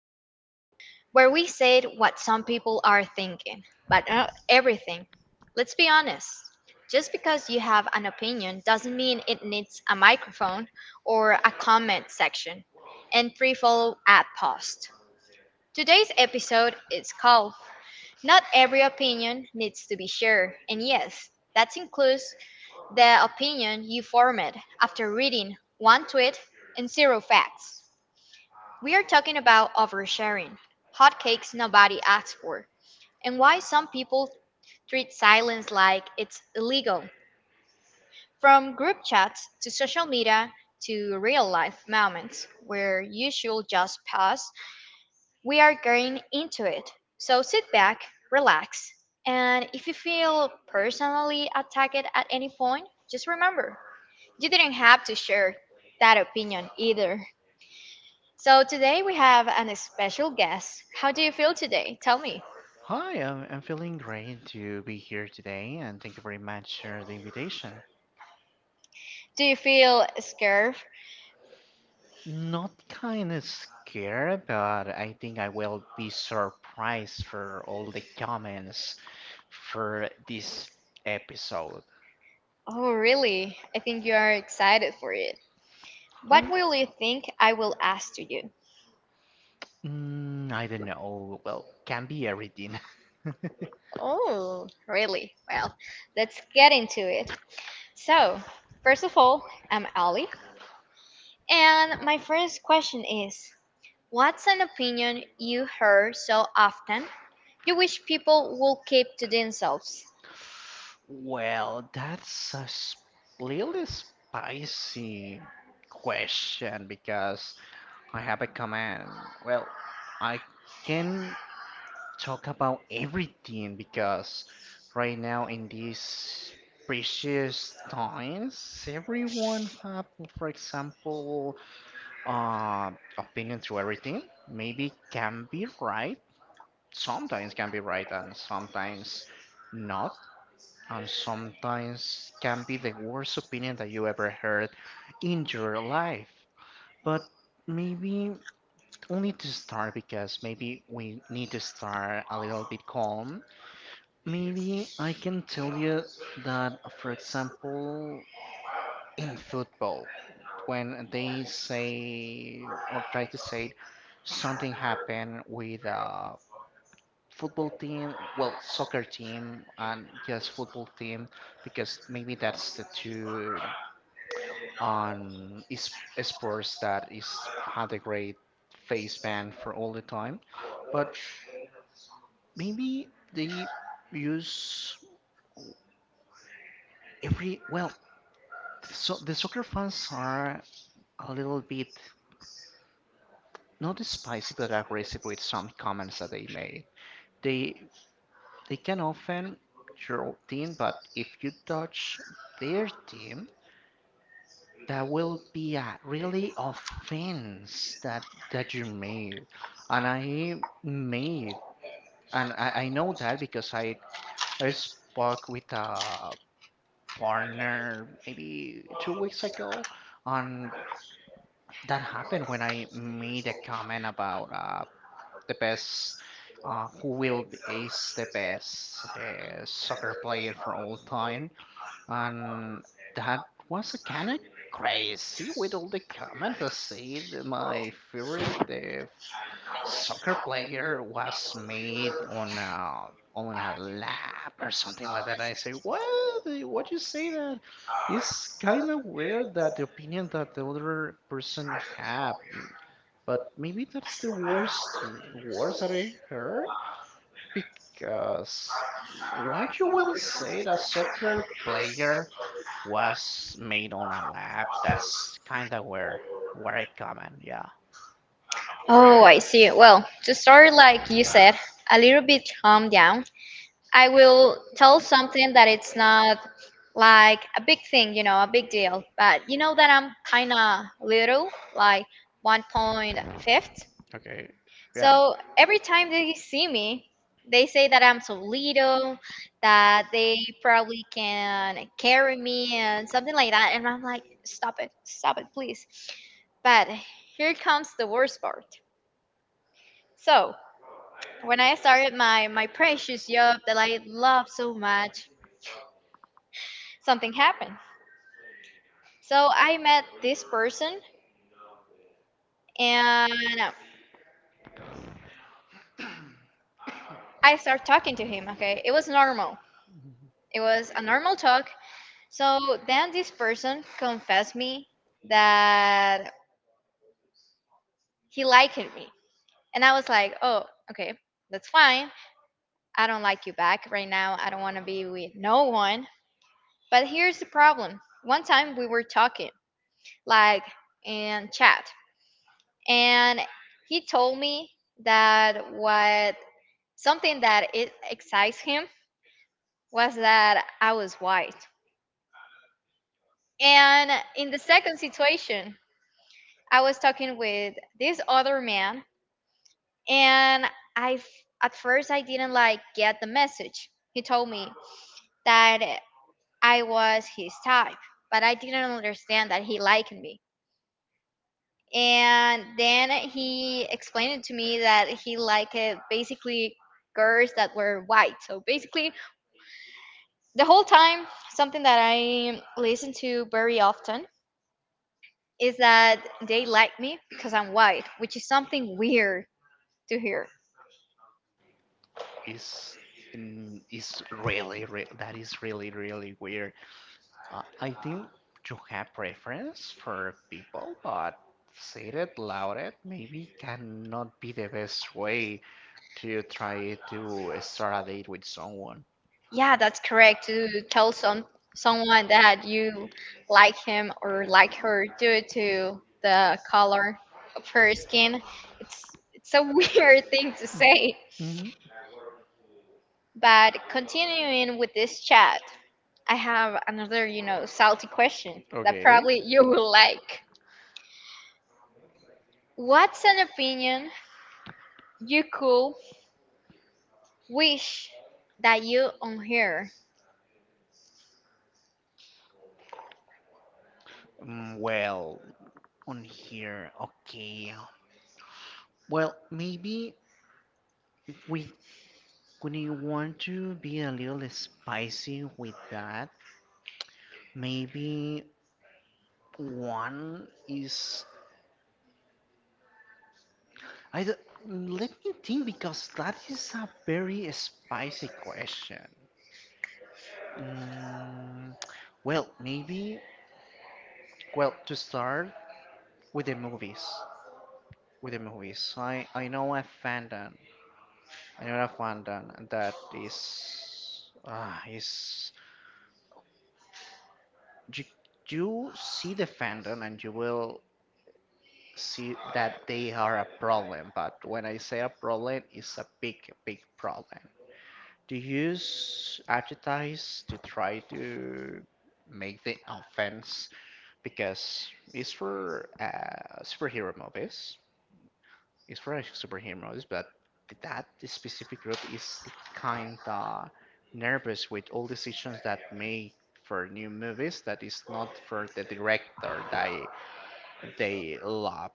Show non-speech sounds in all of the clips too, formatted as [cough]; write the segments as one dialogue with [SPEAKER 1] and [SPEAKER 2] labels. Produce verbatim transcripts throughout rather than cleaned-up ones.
[SPEAKER 1] podcast where we said what some people are thinking, but not everything. Let's be honest. Just because you have an opinion doesn't mean it needs a microphone or a comment section and free follow at post. Today's episode is called Not Every Opinion Needs to Be Shared, and yes, that includes the opinion you formed after reading one tweet and zero facts. We are talking about oversharing, hotcakes nobody asked for, and why some people treat silence like it's illegal. From group chats to social media to real life moments where you should just pause, we are getting into it. So sit back, relax, and if you feel personally attacked at any point, just remember you didn't have to share that opinion either. So today we have an special guest. How do you feel today? Tell me.
[SPEAKER 2] Hi, I'm, I'm feeling great to be here today, and thank you very much for the invitation.
[SPEAKER 1] Do you feel scared?
[SPEAKER 2] Not kind of scared, but I think I will be surprised for all the comments for this episode.
[SPEAKER 1] Oh, really? I think you are excited for it. What
[SPEAKER 2] Um,
[SPEAKER 1] will you think I will ask to you?
[SPEAKER 2] mm, I don't know. Well, can be everything. [laughs]
[SPEAKER 1] Oh, really? Well, let's get into it. So, first of all, I'm Ali, and my first question is: what's an opinion you hear so often you wish people will keep to themselves?
[SPEAKER 2] Well, that's a s- really spicy question because I have a comment. Well, I can talk about everything because right now in these precious times, everyone have, for example, uh, opinion to everything. Maybe can be right, sometimes can be right, and sometimes not and sometimes can be the worst opinion that you ever heard in your life. But maybe only to start because maybe we need to start a little bit calm. Maybe I can tell you that, for example, in football, when they say or try to say something happened with a football team, well, soccer team, and just football team, because maybe that's the two on is sports that is had a great face ban for all the time. But maybe they use every well, so the soccer fans are a little bit not spicy but aggressive with some comments that they made. They they can offend your team, but if you touch their team, that will be a really offense that that you made and I made and i, I know that because i i spoke with a partner maybe two weeks ago and that happened when I made a comment about uh, the best uh, who will be is the best uh, soccer player for all time and that was a kind of crazy with all the comments that said my favorite uh, soccer player was made on a, on a lap or something like that. And I say, what? Uh, What you say that? It's kind of weird that the opinion that the other person have. But maybe that's the worst, worst that I heard because what you will say that soccer player was made on a lab. That's kind of where where I come in. Yeah,
[SPEAKER 1] Oh, I see. Well, to start, like you said, a little bit calm down. I will tell something that it's not like a big thing, you know, a big deal. But you know that I'm kind of little, like one point five.
[SPEAKER 2] okay, yeah.
[SPEAKER 1] So every time they see me, they say that I'm so little, that they probably can carry me and something like that. And I'm like, stop it, stop it, please. But here comes the worst part. So, when I started my, my precious job that I love so much, something happened. So I met this person and I started talking to him, okay? It was normal. It was a normal talk. So then this person confessed me that he liked me. And I was like, oh, okay, that's fine. I don't like you back right now. I don't want to be with no one. But here's the problem. One time we were talking, like in chat, and he told me that what something that it excites him was that I was white. And in the second situation, I was talking with this other man, and I f- at first I didn't like get the message. He told me that I was his type, but I didn't understand that he liked me. And then he explained it to me that he liked it basically girls that were white. So basically the whole time something that I listen to very often is that they like me because I'm white, which is something weird to hear.
[SPEAKER 2] Is is really, re- that is really really weird. Uh, I think you have preference for people, but say it loud it maybe cannot be the best way to try to start a date with someone.
[SPEAKER 1] Yeah, that's correct. To tell some someone that you like him or like her due to the color of her skin, it's it's a [laughs] weird thing to say.
[SPEAKER 2] hmm
[SPEAKER 1] But continuing with this chat, I have another, you know, salty question that
[SPEAKER 2] Okay.
[SPEAKER 1] probably you will like. What's an opinion you could wish that you on here?
[SPEAKER 2] Mm, Well, on here, okay. Well, maybe if we gonna want to be a little spicy with that, maybe one is I d- let me think because that is a very spicy question. Mm, well, maybe well to start with the movies, with the movies. I I know a fandom, I know a fandom that is ah is you you see the fandom and you will see that they are a problem. But when I say a problem, it's a big, big problem. Do you use advertise to try to make the offense because it's for uh, superhero movies. It's for superheroes, but that specific group is the kind of nervous with all decisions that made for new movies that is not for the director they they love.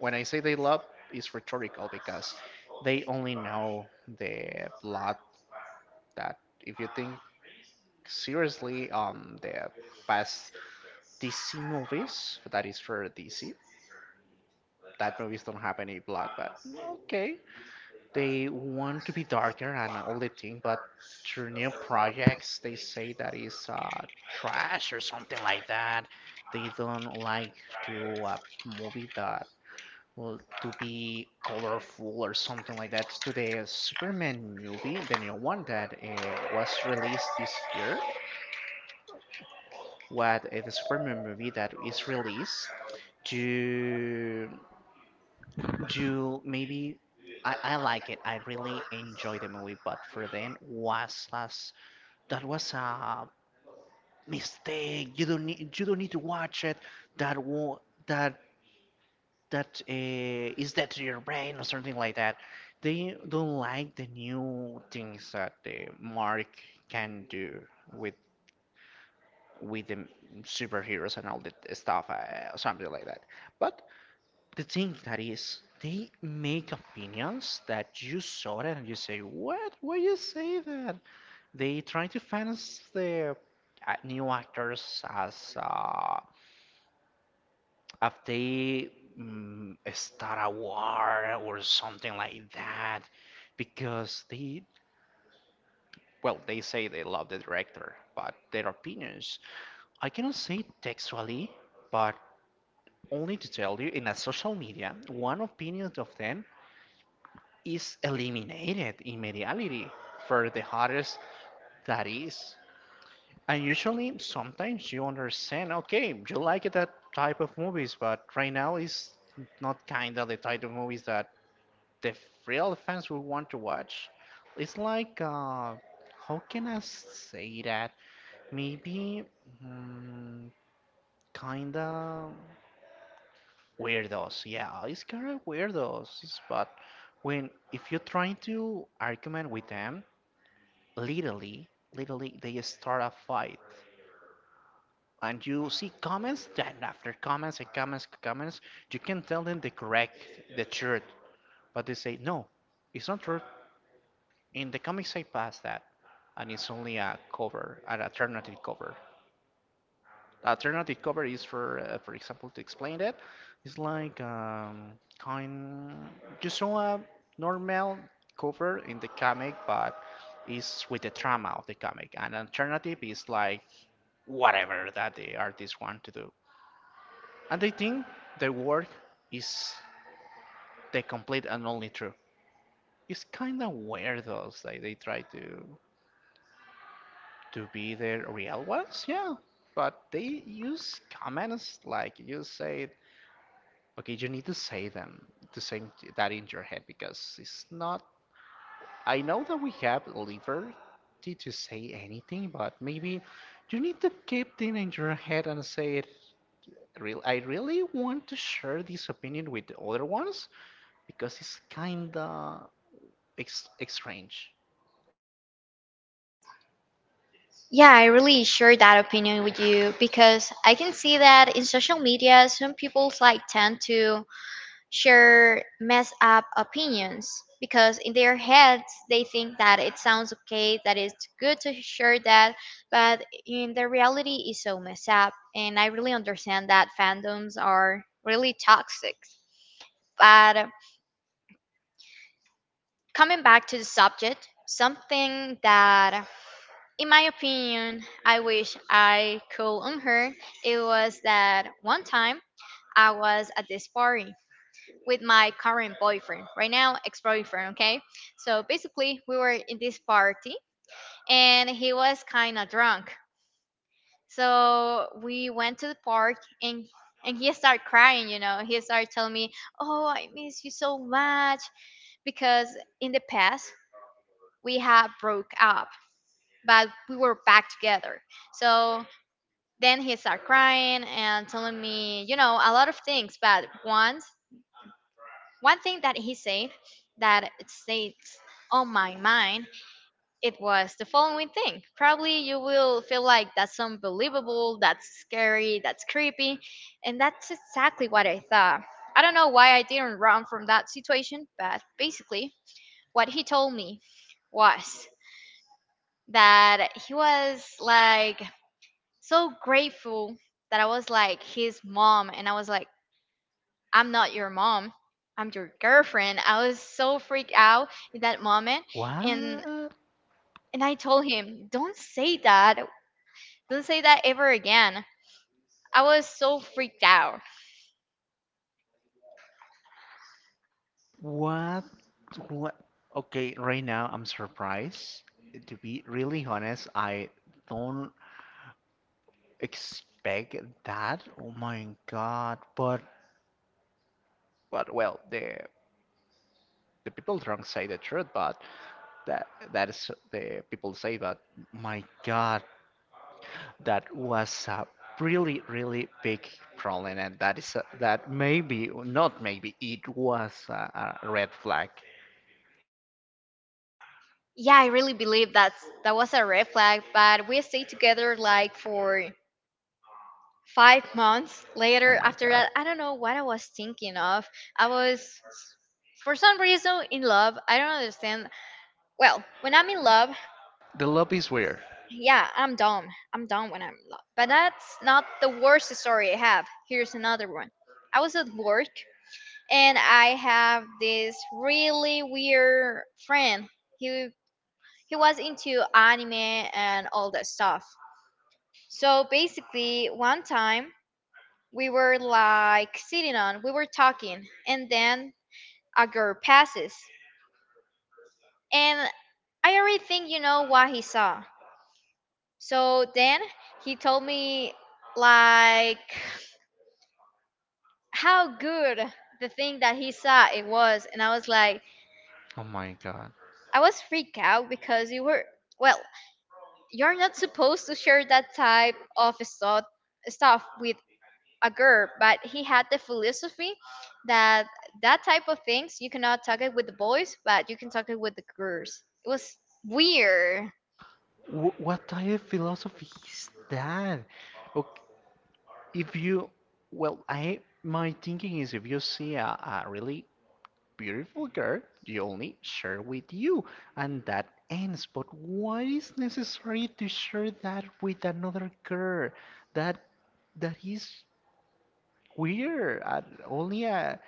[SPEAKER 2] When I say they love, it's rhetorical because they only know the plot that if you think seriously on the past D C movies, that is for D C. That movies don't have any plot, but okay, they want to be darker and all the thing, but their new projects they say that is uh, trash or something like that. They don't like to uh, movie that well to be colorful or something like that. To the Superman movie, the new one that uh, was released this year, what uh, the Superman movie that is released to you maybe I, I like it. I really enjoy the movie, but for then was as that was a mistake. You don't need you don't need to watch it. That will that that uh, is that to your brain or something like that. They don't like the new things that the Mark can do with with the superheroes and all that stuff, uh, something like that. But the thing that is, they make opinions that you saw it and you say, "What? Why you say that?" They try to finance the uh, new actors as uh, if they mm, start a war or something like that, because they, well, they say they love the director, but their opinions, I cannot say it textually, but only to tell you in a social media, one opinion of them is eliminated in mediality for the hardest that is. And usually, sometimes you understand, okay, you like that type of movies, but right now it's not kind of the type of movies that the real fans will want to watch. It's like, uh, how can I say that? Maybe mm, kind of weirdos. Yeah, it's kind of weirdos. It's- but when if you're trying to argument with them literally, literally, they start a fight. And you see comments, then after comments and comments and comments, you can tell them the correct, the truth. But they say, no, it's not true. In the comics, I passed that. And it's only a cover, an alternative cover. Alternative cover is for uh, for example to explain it it's like um, kind you saw a normal cover in the comic but it's with the trauma of the comic and alternative is like whatever that the artist want to do and I think their work is the complete and only truth. It's kind of weird though like they try to to be their real ones, yeah, but they use comments like you say. Okay, you need to say them, to say that in your head because it's not. I know that we have liberty to say anything, but maybe you need to keep it in your head and say it. Real, I really want to share this opinion with the other ones because it's kinda ex strange.
[SPEAKER 1] Yeah, I really share that opinion with you because I can see that in social media, some people like tend to share mess up opinions because in their heads they think that it sounds okay, that it's good to share that, but in the reality is so messed up. And I really understand that fandoms are really toxic. But coming back to the subject, something that in my opinion I wish I could unheard it was that one time I was at this party with my current boyfriend, right now ex-boyfriend. Okay, so basically we were in this party and he was kind of drunk, so we went to the park, and and he started crying. You know, he started telling me, oh, I miss you so much, because in the past we had broke up, but we were back together. So then he started crying and telling me, you know, a lot of things. But once One thing that he said that it stayed on my mind, it was the following thing. Probably you will feel like that's unbelievable, that's scary, that's creepy, and that's exactly what I thought. I don't know why I didn't run from that situation, but basically, what he told me was that he was like so grateful that I was like his mom, and I was like, I'm not your mom. I'm your girlfriend. I was so freaked out in that moment, and
[SPEAKER 2] What?
[SPEAKER 1] and I told him, "Don't say that. Don't say that ever again." I was so freaked out.
[SPEAKER 2] What? What? Okay, right now I'm surprised. To be really honest, I don't expect that. Oh my god! But but well, the the people don't say the truth, but that that is the people say. But my god, that was a really really big problem, and that is a, that maybe not maybe it was a, a red flag.
[SPEAKER 1] Yeah, I really believe that's that was a red flag, but we stayed together like for five months
[SPEAKER 2] Oh
[SPEAKER 1] later
[SPEAKER 2] my
[SPEAKER 1] after
[SPEAKER 2] god,
[SPEAKER 1] that. I don't know what I was thinking of. I was for some reason in love. I don't understand. Well, when I'm in love,
[SPEAKER 2] the love is weird.
[SPEAKER 1] yeah, I'm dumb. I'm dumb when I'm lo- But that's not the worst story I have. Here's another one. I was at work and I have this really weird friend. He he was into anime and all that stuff. So basically, one time we were like sitting on, we were talking, and then a girl passes, and I already think you know what he saw. So then he told me like how good the thing that he saw it was, and I was like
[SPEAKER 2] Oh my god,
[SPEAKER 1] I was freaked out because you were well you're not supposed to share that type of stuff stuff with a girl. But he had the philosophy that that type of things you cannot talk it with the boys, but you can talk it with the girls. It was weird.
[SPEAKER 2] Wh- what type of philosophy is that? Okay, if you, well, I my thinking is if you see a, a really beautiful girl, you only share with you, and that ends. But why is necessary to share that with another girl? That that is weird. Uh, only a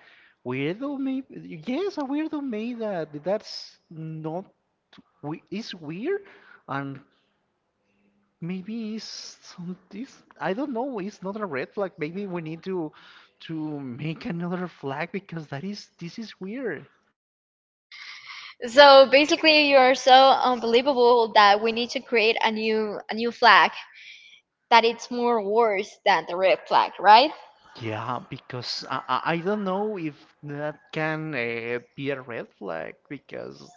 [SPEAKER 2] weirdo may. Yes, a weirdo made that. That's not. We, it's weird and maybe it's some this I don't know, it's not a red flag. Maybe we need to to make another flag because that is this is weird.
[SPEAKER 1] So basically you are so unbelievable that we need to create a new a new flag that it's more worse than the red flag, right?
[SPEAKER 2] Yeah, because I I, I don't know if that can uh, be a red flag because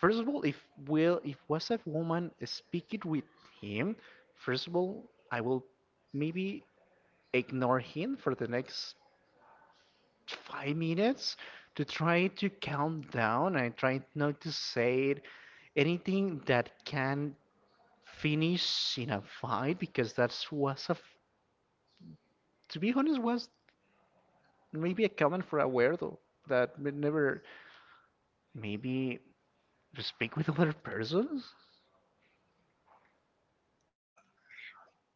[SPEAKER 2] first of all, if will if was a woman speaking with him, first of all, I will maybe ignore him for the next five minutes to try to count down. I tried not to say anything that can finish in a fight because that's was a, f- to be honest, was maybe a comment for a weirdo that we never maybe speak with other persons.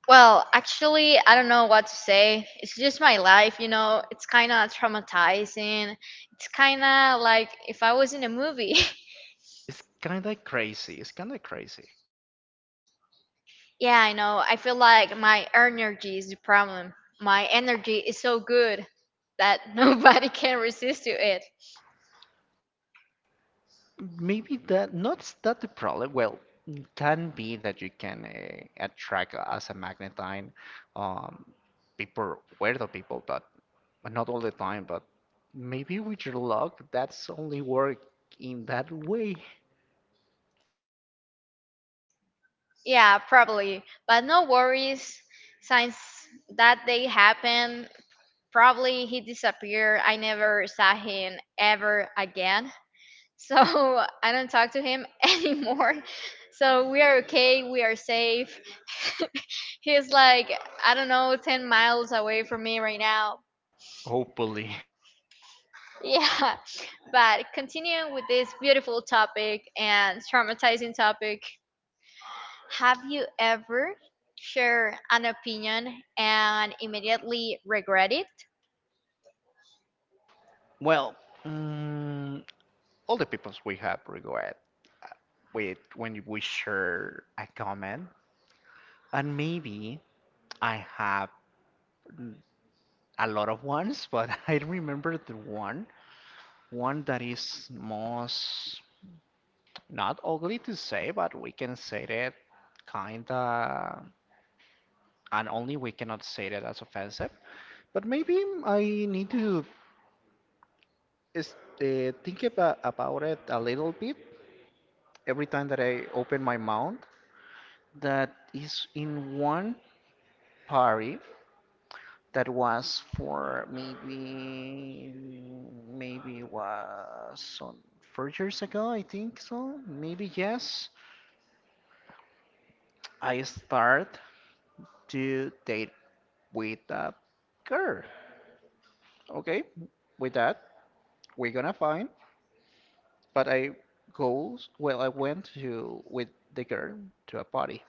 [SPEAKER 1] Well, actually, I don't know what to say. It's just my life, you know. It's kind of traumatizing. It's kind of like if I was in a movie.
[SPEAKER 2] It's kind of crazy. It's kind of crazy.
[SPEAKER 1] [laughs] Yeah, I know. I feel like my energy is the problem. My energy is so good that [laughs] nobody can resist to it.
[SPEAKER 2] Maybe that not that the problem. Well, it can be that you can uh, attract uh, as a magnetine um, people, weirdo people, but but not all the time. But maybe with your luck, that's only work in that way.
[SPEAKER 1] Yeah, probably. But no worries. Since that day happened, probably he disappeared. I never saw him ever again. So [laughs] I don't talk to him [laughs] anymore. So we are okay, we are safe. [laughs] He's like, I don't know, ten miles away from me right now.
[SPEAKER 2] Hopefully.
[SPEAKER 1] Yeah, [laughs] but continuing with this beautiful topic and traumatizing topic, have you ever shared an opinion and immediately regret it?
[SPEAKER 2] Well, mm, all the peoples we have regret with when we share a comment, and maybe I have a lot of ones, but [laughs] I remember the one. One that is most not ugly to say, but we can say that kinda, and only we cannot say that as offensive. But maybe I need to is, uh, think about about it a little bit every time that I open my mouth. That is in one party that was for maybe maybe was on four years ago, I think so. Maybe yes. I start to date with that girl. Okay, with that, we're gonna find. But I goes well. I went to with the girl to a party.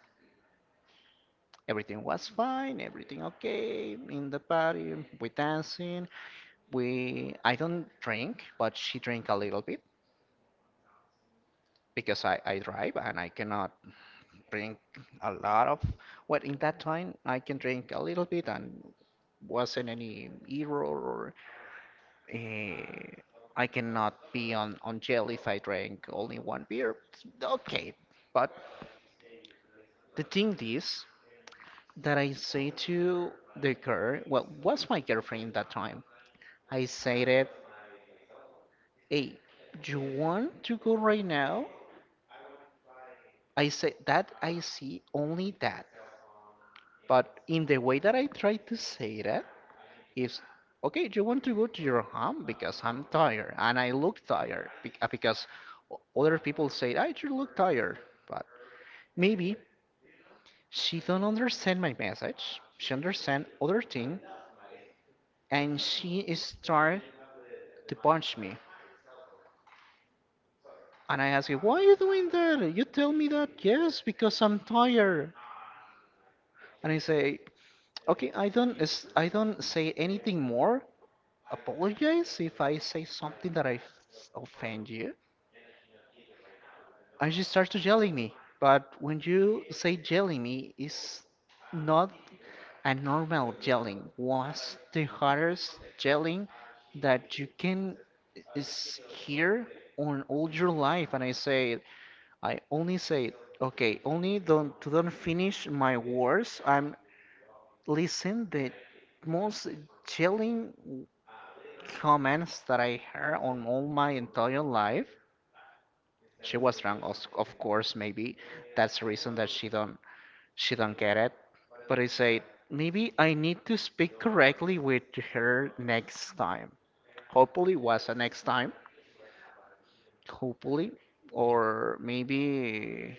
[SPEAKER 2] Everything was fine. Everything okay in the party. We dancing. We I don't drink, but she drink a little bit because I I drive and I cannot drink a lot of. Well, in that time I can drink a little bit and wasn't any error or eh, I cannot be on, on jail if I drank only one beer. It's okay, but the thing is that I say to the girl, well, was my girlfriend that time. I said it, hey, you want to go right now? I say that I see only that, but in the way that I try to say that, is, okay, do you want to go to your home because I'm tired and I look tired bec- uh, because o- other people say I you look tired. But maybe she don't understand my message. She understand other thing and she start to punch me. And I ask her, why are you doing that? You tell me that yes because I'm tired. And I say, okay, I don't s- i don't say anything more, apologize if I say something that I f- offend you. And she starts to yelling me. But when you say yelling me, it's not a normal yelling. Was the hardest yelling that you can is hear on all your life. And I said, I only say, okay, only don't don't finish my words. I'm listen the most yelling comments that I heard on all my entire life. She was drunk, of, of course, maybe. That's the reason that she don't she don't get it. But I said, maybe I need to speak correctly with her next time. Hopefully was a next time. Hopefully. Or maybe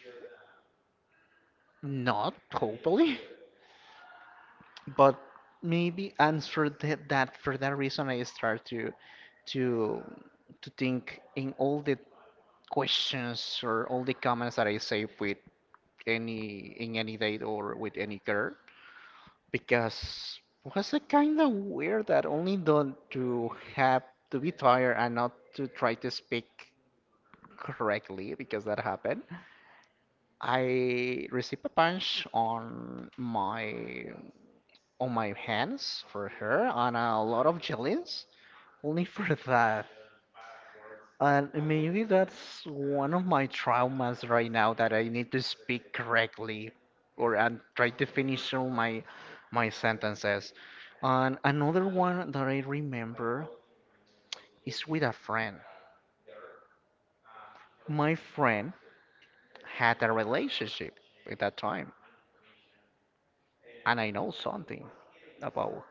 [SPEAKER 2] not, hopefully. [laughs] But maybe, and that, that for that reason I start to to to think in all the questions or all the comments that I save with any in any date or with any girl, because was it kind of weird that only the, to have to be tired and not to try to speak correctly because that happened. I received a punch on my on my hands for her and a lot of jellies only for [laughs] that. And maybe that's one of my traumas right now, that I need to speak correctly or and try to finish all my my sentences. And another one that I remember is with a friend. My friend had a relationship at that time, and I know something about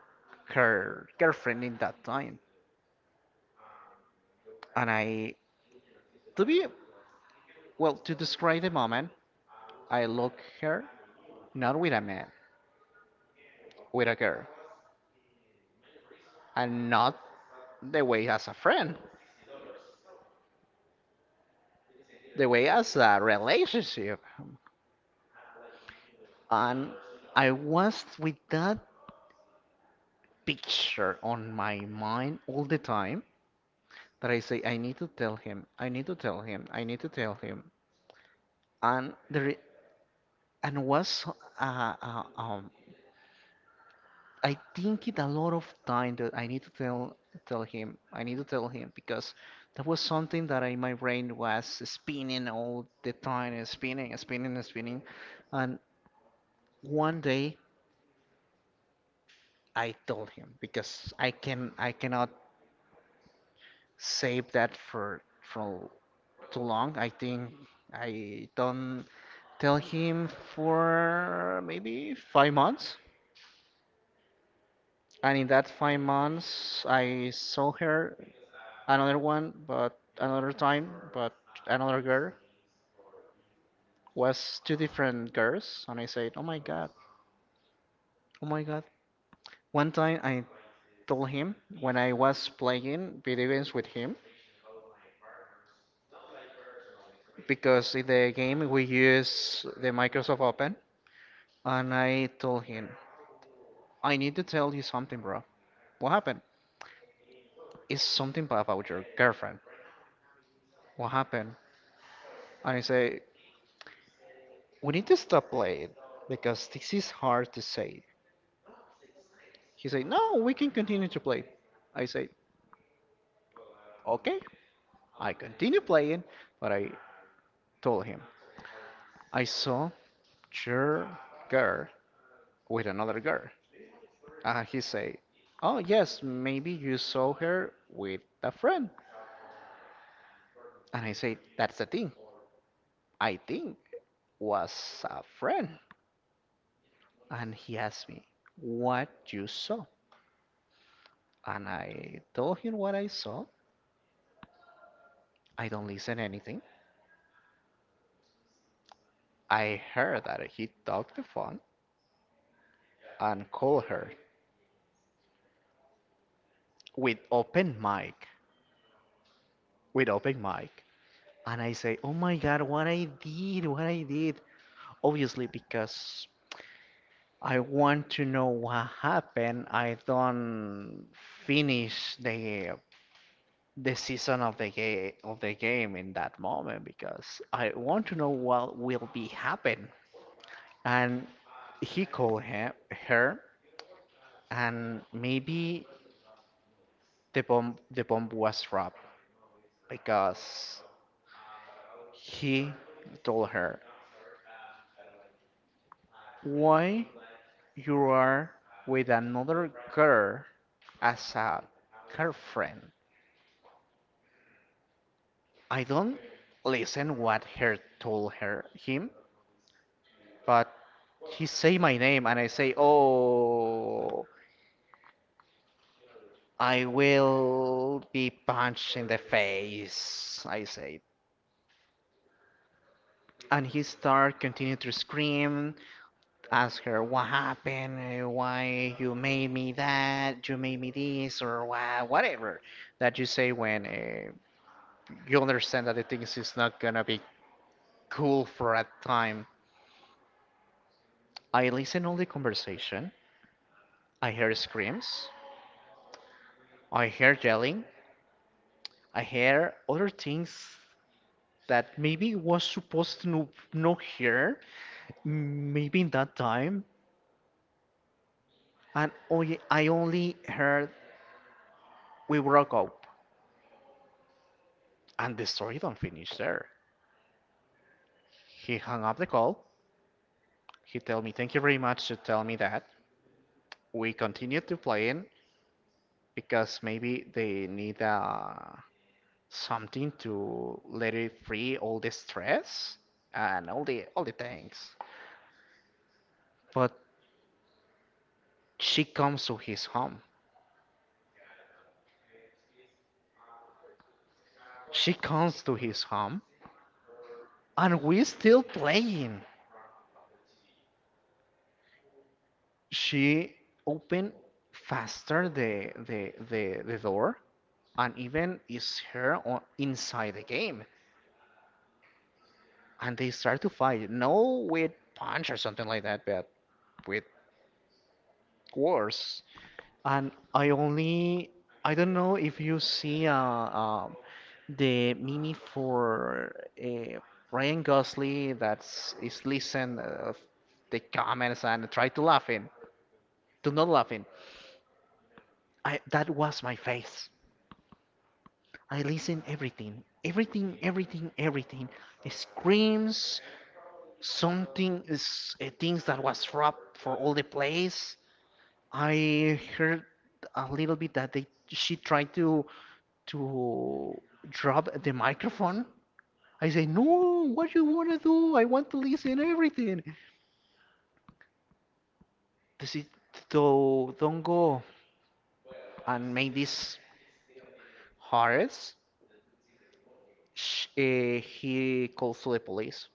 [SPEAKER 2] her girlfriend in that time. And I, to be well, to describe the moment, I look her not with a man, with a girl, and not the way as a friend, the way as a relationship. And I was with that picture on my mind all the time that I say, I need to tell him, I need to tell him, I need to tell him. And there and was uh, uh, um, I think it a lot of time that I need to tell tell him. I need to tell him because that was something that I, my brain was spinning all the time, and spinning, and spinning, and spinning. And one day I told him because I can I cannot save that for for too long. I think I don't tell him for maybe five months. And in that five months, I saw her another one, but another time, but another girl, was two different girls, and I said, "Oh my god, oh my god." One time I told him when I was playing video games with him because in the game we use the Microsoft Open, and I told him, "I need to tell you something, bro." "What happened?" "It's something bad about your girlfriend." "What happened?" And I say, "We need to stop playing because this is hard to say." He said, "No, we can continue to play." I say, okay, I continue playing, but I told him, I saw your girl with another girl. And he said, oh, yes, maybe you saw her with a friend. And I said, that's the thing. I think was a friend. And he asked me, what you saw? And I told him what I saw. I don't listen anything. I heard that he took the phone and called her with open mic, with open mic, and I say, "Oh my God, what I did, what I did." Obviously, because I want to know what happened. I don't finish the the season of the game of the game in that moment because I want to know what will be happen. And he called him, her, and maybe the bomb the bomb was dropped because he told her, why you are with another girl as a girlfriend? I don't listen what her told her him, but he say my name and I say, "Oh, I will be punched in the face," I say. And he start continue to scream, ask her what happened, eh, why you made me that, you made me this, or why, whatever that you say when eh, you understand that the things is not gonna be cool for a time. I listen all the conversation. I hear screams. I hear yelling. I hear other things that maybe was supposed to no- not hear. Maybe in that time, and only, I only heard we broke up, and the story don't finish there. He hung up the call. He tell me thank you very much to tell me that. We continued to playing because maybe they need a something to let it free all the stress and all the all the things. But she comes to his home. She comes to his home and we still playing. She opened faster the the the, the door and even is her on inside the game. And they start to fight. No with punch or something like that, but with words. And I only, I don't know if you see uh, um the meme for uh, Ryan Gosling that's is listen uh, the comments and try to laughing, do not laughing. I that was my face. I listen everything, everything, everything, everything. Screams, something is uh, things that was robbed for all the place. I heard a little bit that they she tried to to drop the microphone. I say, no, what you wanna do? I want to listen everything. This is so don't go and make this harass. Sh uh, He calls to the police.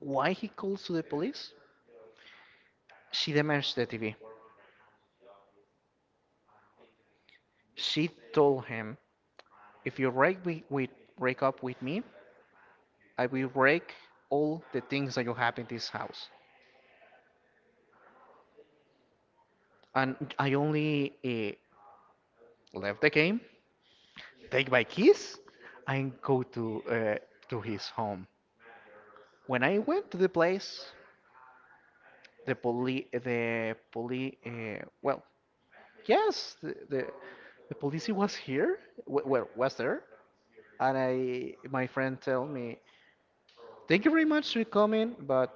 [SPEAKER 2] Why he calls to the police? She damaged the T V. She told him, if you break we with break up with me, I will break all the things that you have in this house. And I only uh, left the game, take my keys, and go to uh, to his home. When I went to the place, the police, the police, uh, well, yes, the, the the police was here, w- well, was there, and I, my friend tell me, thank you very much for coming, but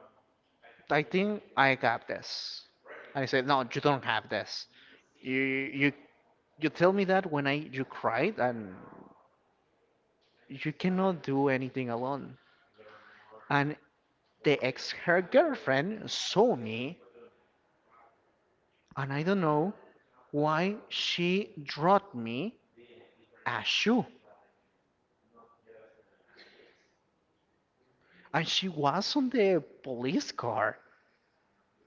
[SPEAKER 2] I think I got this. And I said, no, you don't have this. You you you tell me that when I you cried and you cannot do anything alone. And the ex her girlfriend saw me, and I don't know why she dropped me a shoe. And she was on the police car.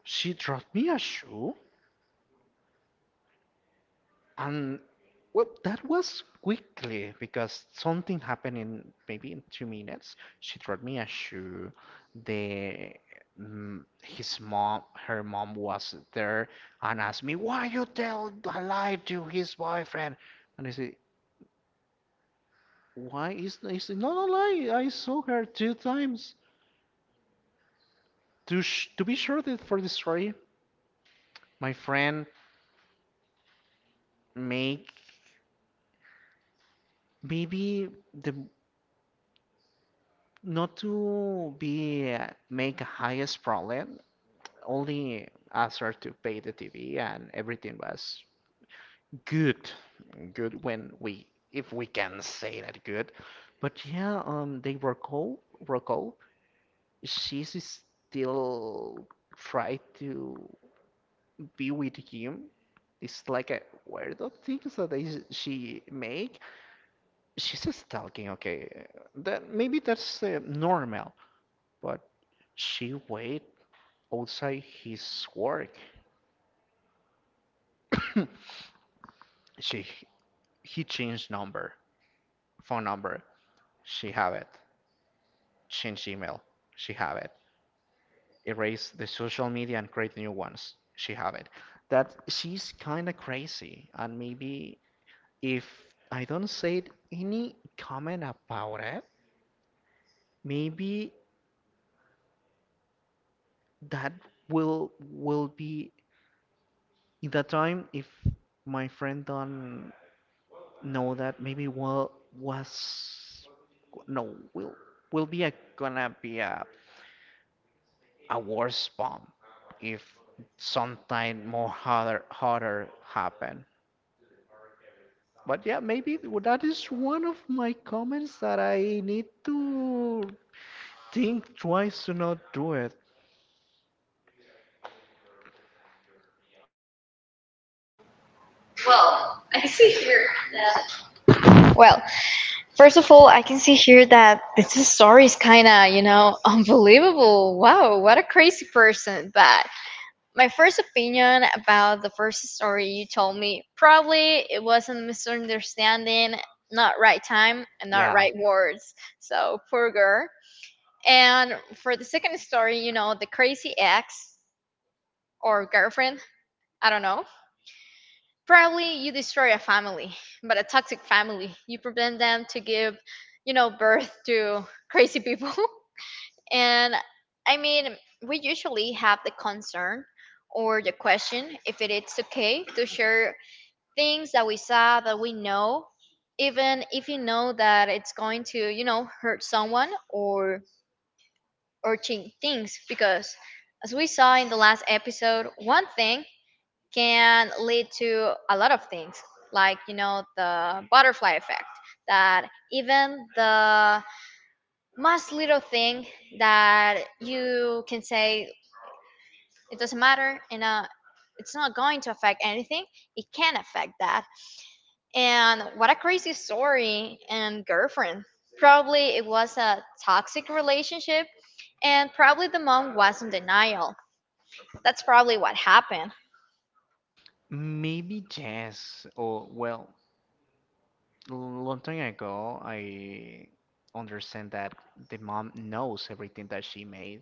[SPEAKER 2] She dropped me a shoe? And well, that was quickly because something happened in, maybe, in two minutes. She threw me a shoe. The mm, his mom, her mom was there and asked me, "Why you tell a lie to his boyfriend?" And I said, "Why is is it not a lie? I saw her two times to sh to be sure that for the story." My friend make maybe the not to be uh, make a highest problem, only asked her to pay the T V, and everything was good good when we, if we can say that good, but yeah. Um they were cool were cool. She's still try to be with him. It's like a weird things that they, she make she's stalking. Okay, that maybe that's uh, normal. But she wait outside his work. [coughs] she He changed number, phone number. She have it. Change email. She have it. Erase the social media and create new ones. She have it. That she's kind of crazy. And maybe if I don't say any comment about it, maybe that will will be in that time, if my friend don't, no, that maybe will was no will will be a, gonna be a a worse bomb if sometime more harder harder happen. But yeah, maybe that is one of my comments that I need to think twice to not do it.
[SPEAKER 1] Well, [laughs] I see here that... Well, first of all, I can see here that this story is kind of, you know, [laughs] unbelievable. Wow, what a crazy person. But my first opinion about the first story you told me, probably it was a misunderstanding, not right time and not
[SPEAKER 2] Yeah,
[SPEAKER 1] right words. So poor girl. And for the second story, you know, the crazy ex or girlfriend, I don't know. Probably you destroy a family, but a toxic family. You prevent them to give, you know, birth to crazy people. [laughs] And I mean, we usually have the concern or the question if it is okay to share things that we saw that we know, even if you know that it's going to, you know, hurt someone or or change things. Because as we saw in the last episode, one thing can lead to a lot of things, like you know the butterfly effect, that even the most little thing that you can say, it doesn't matter, and uh, it's not going to affect anything, it can affect that. And what a crazy story and girlfriend. Probably it was a toxic relationship and probably the mom was in denial. That's probably what happened.
[SPEAKER 2] maybe yes. Or well, long time ago I understand that the mom knows everything that she made,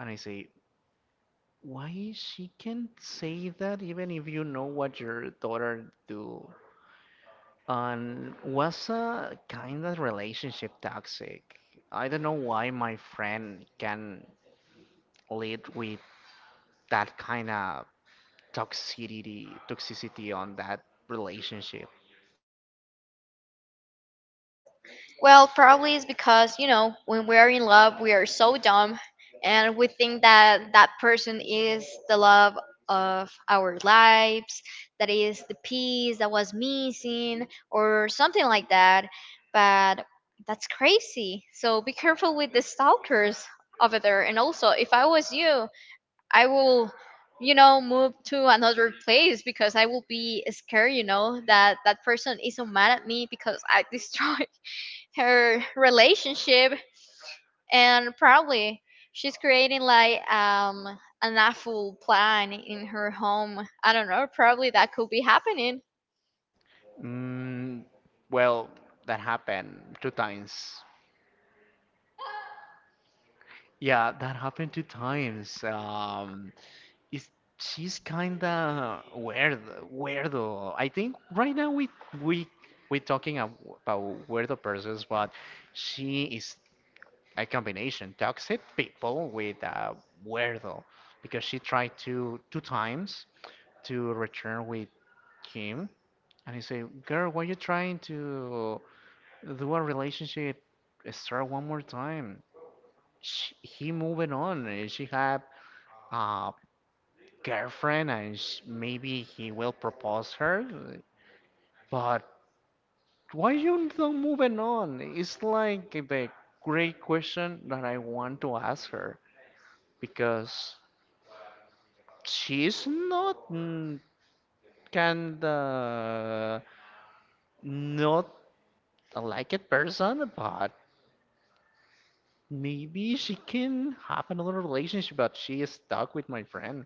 [SPEAKER 2] and I say, why she can say that, even if you know what your daughter do? And was a kind of relationship toxic. I don't know why my friend can lead with that kind of toxicity toxicity on that relationship.
[SPEAKER 1] Well, probably it's because, you know, when we're in love, we are so dumb and we think that that person is the love of our lives, that is the piece that was missing, or something like that. But that's crazy. So be careful with the stalkers over there. And also, if I was you, I will... You know, move to another place, because I will be scared. You know that that person is so mad at me because I [laughs] destroyed her relationship and probably she's creating like um an awful plan in her home. I don't know, probably that could be happening.
[SPEAKER 2] Mm, well, that happened two times. Yeah, that happened two times. Um, is She's kinda weird, weirdo. I think right now we we we're talking ab- about weirdo persons, but she is a combination toxic people with a weirdo because she tried to two times to return with him, and he say, "Girl, why you trying to do a relationship? Start one more time." She, he moving on, and she had uh girlfriend and sh- maybe he will propose her. But why you don't moving on? It's like the great question that I want to ask her because she's not mm, kinda not a like it person, but maybe she can have another relationship. But she is stuck with my friend.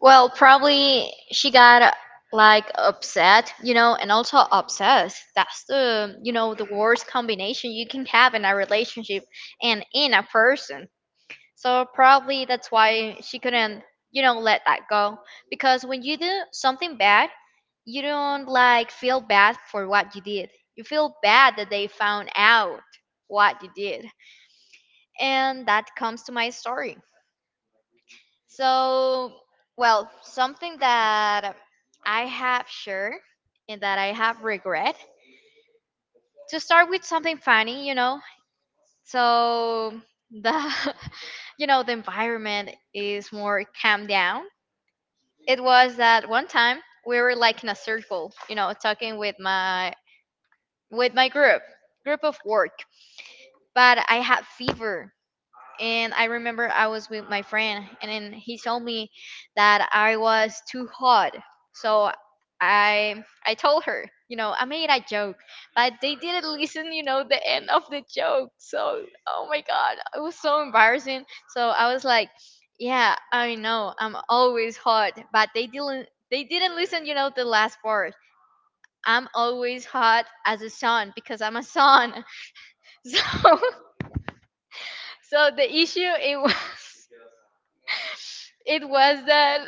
[SPEAKER 1] Well, probably she got like upset, you know, and also obsessed. That's the, you know, the worst combination you can have in a relationship and in a person. So probably that's why she couldn't, you know, let that go. Because when you do something bad, you don't like feel bad for what you did. You feel bad that they found out what you did. And that comes to my story. So, well, something that I have sure and that I have regret. To start with something funny, you know. So the [laughs] you know, the environment is more calm down. It was that one time we were like in a circle, you know, talking with my with my group, group of work. But I had fever, and I remember I was with my friend, and then he told me that I was too hot. So I I told her, you know, I made a joke, but they didn't [laughs] listen. You know, the end of the joke. So oh my god, it was so embarrassing. So I was like, yeah, I know, I'm always hot, but they didn't they didn't listen. You know, the last part. I'm always hot as a sun because I'm a sun. So, [laughs] so the issue it was it was that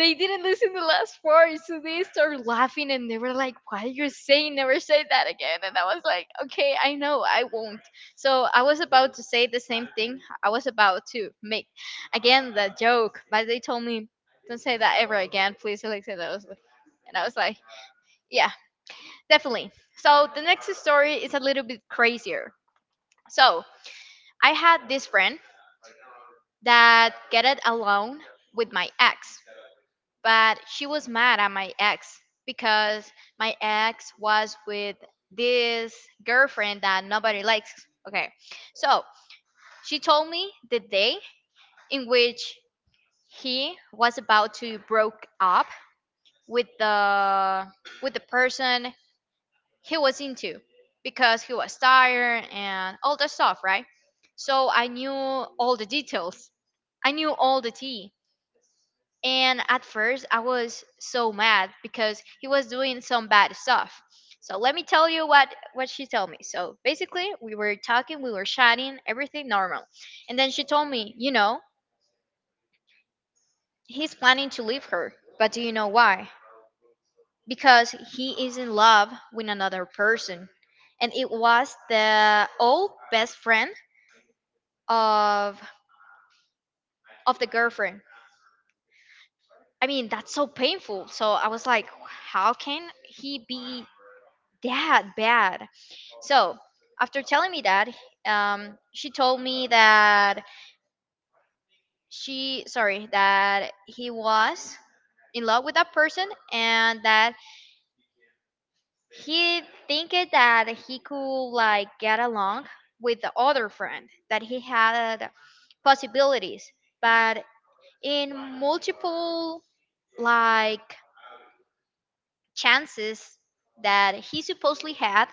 [SPEAKER 1] they didn't listen to the last part, so they started laughing and they were like, "Why are you saying never say that again?" And I was like, "Okay, I know, I won't." So I was about to say the same thing. I was about to make again the joke, but they told me, "Don't say that ever again, please, Alexa." That was, and I was like, "Yeah, definitely." So the next story is a little bit crazier. So I had this friend that get it alone with my ex. But she was mad at my ex because my ex was with this girlfriend that nobody likes. Okay. So she told me the day in which he was about to broke up with the with the person he was into because he was tired and all that stuff, right? So I knew all the details. I knew all the tea. And at first, I was so mad because he was doing some bad stuff. So let me tell you what what she told me. So basically, we were talking, we were chatting, everything normal. And then she told me, you know, he's planning to leave her. But do you know why? Because he is in love with another person. And it was the old best friend of of the girlfriend. I mean, that's so painful. So I was like, how can he be that bad. So after telling me that, um, she told me that she sorry, that he was in love with that person and that he think it that he could like get along with the other friend, that he had possibilities but in multiple like chances that he supposedly had,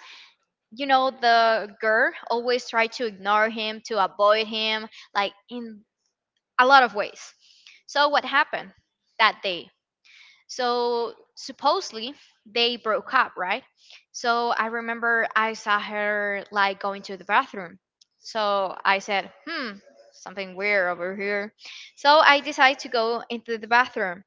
[SPEAKER 1] you know the girl always tried to ignore him, to avoid him like in a lot of ways. So what happened that day? So supposedly they broke up, right? So I remember I saw her like going to the bathroom. So I said, hmm, something weird over here. So I decided to go into the bathroom,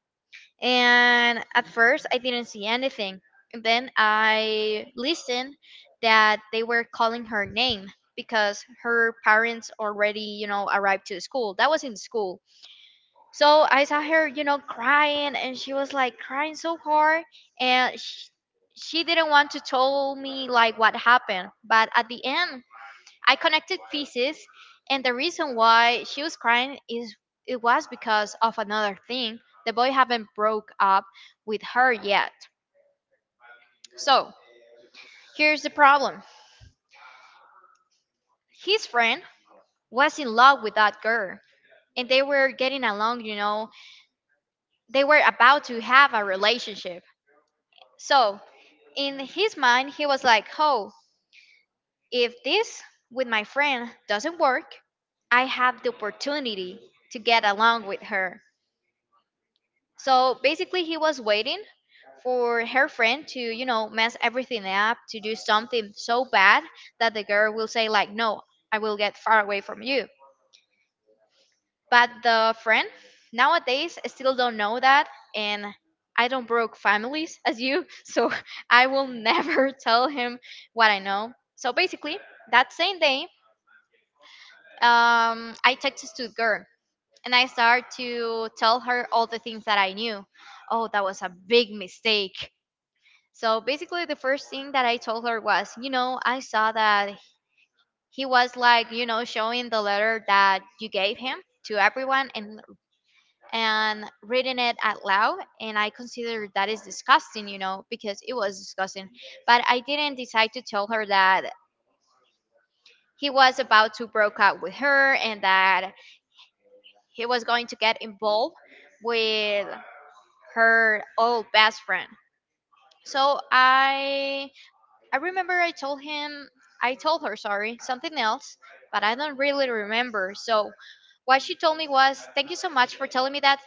[SPEAKER 1] and at first I didn't see anything, and then I listened that they were calling her name because her parents already you know arrived to the school. That was in school. So I saw her you know crying, and she was like crying so hard, and she, she didn't want to tell me like what happened. But at the end I connected pieces, and the reason why she was crying is it was because of another thing. The boy haven't broke up with her yet. So here's the problem. His friend was in love with that girl, and they were getting along. You know, they were about to have a relationship. So in his mind, he was like, "Oh, if this with my friend doesn't work, I have the opportunity to get along with her." So basically, he was waiting for her friend to you know, mess everything up, to do something so bad that the girl will say, like, no, I will get far away from you. But the friend nowadays still don't know that. And I don't broke families as you, [laughs] so I will never [laughs] tell him what I know. So basically, that same day, um, I texted to the girl and I start to tell her all the things that I knew. Oh, that was a big mistake. So basically, the first thing that I told her was, you know, I saw that he was like, you know, showing the letter that you gave him to everyone, and and reading it out loud, and I considered that is disgusting, you know because it was disgusting. But I didn't decide to tell her that he was about to broke up with her and that he was going to get involved with her old best friend. So i I remember I told him, I told her, sorry, something else, but I don't really remember. So what she told me was, thank you so much for telling me that.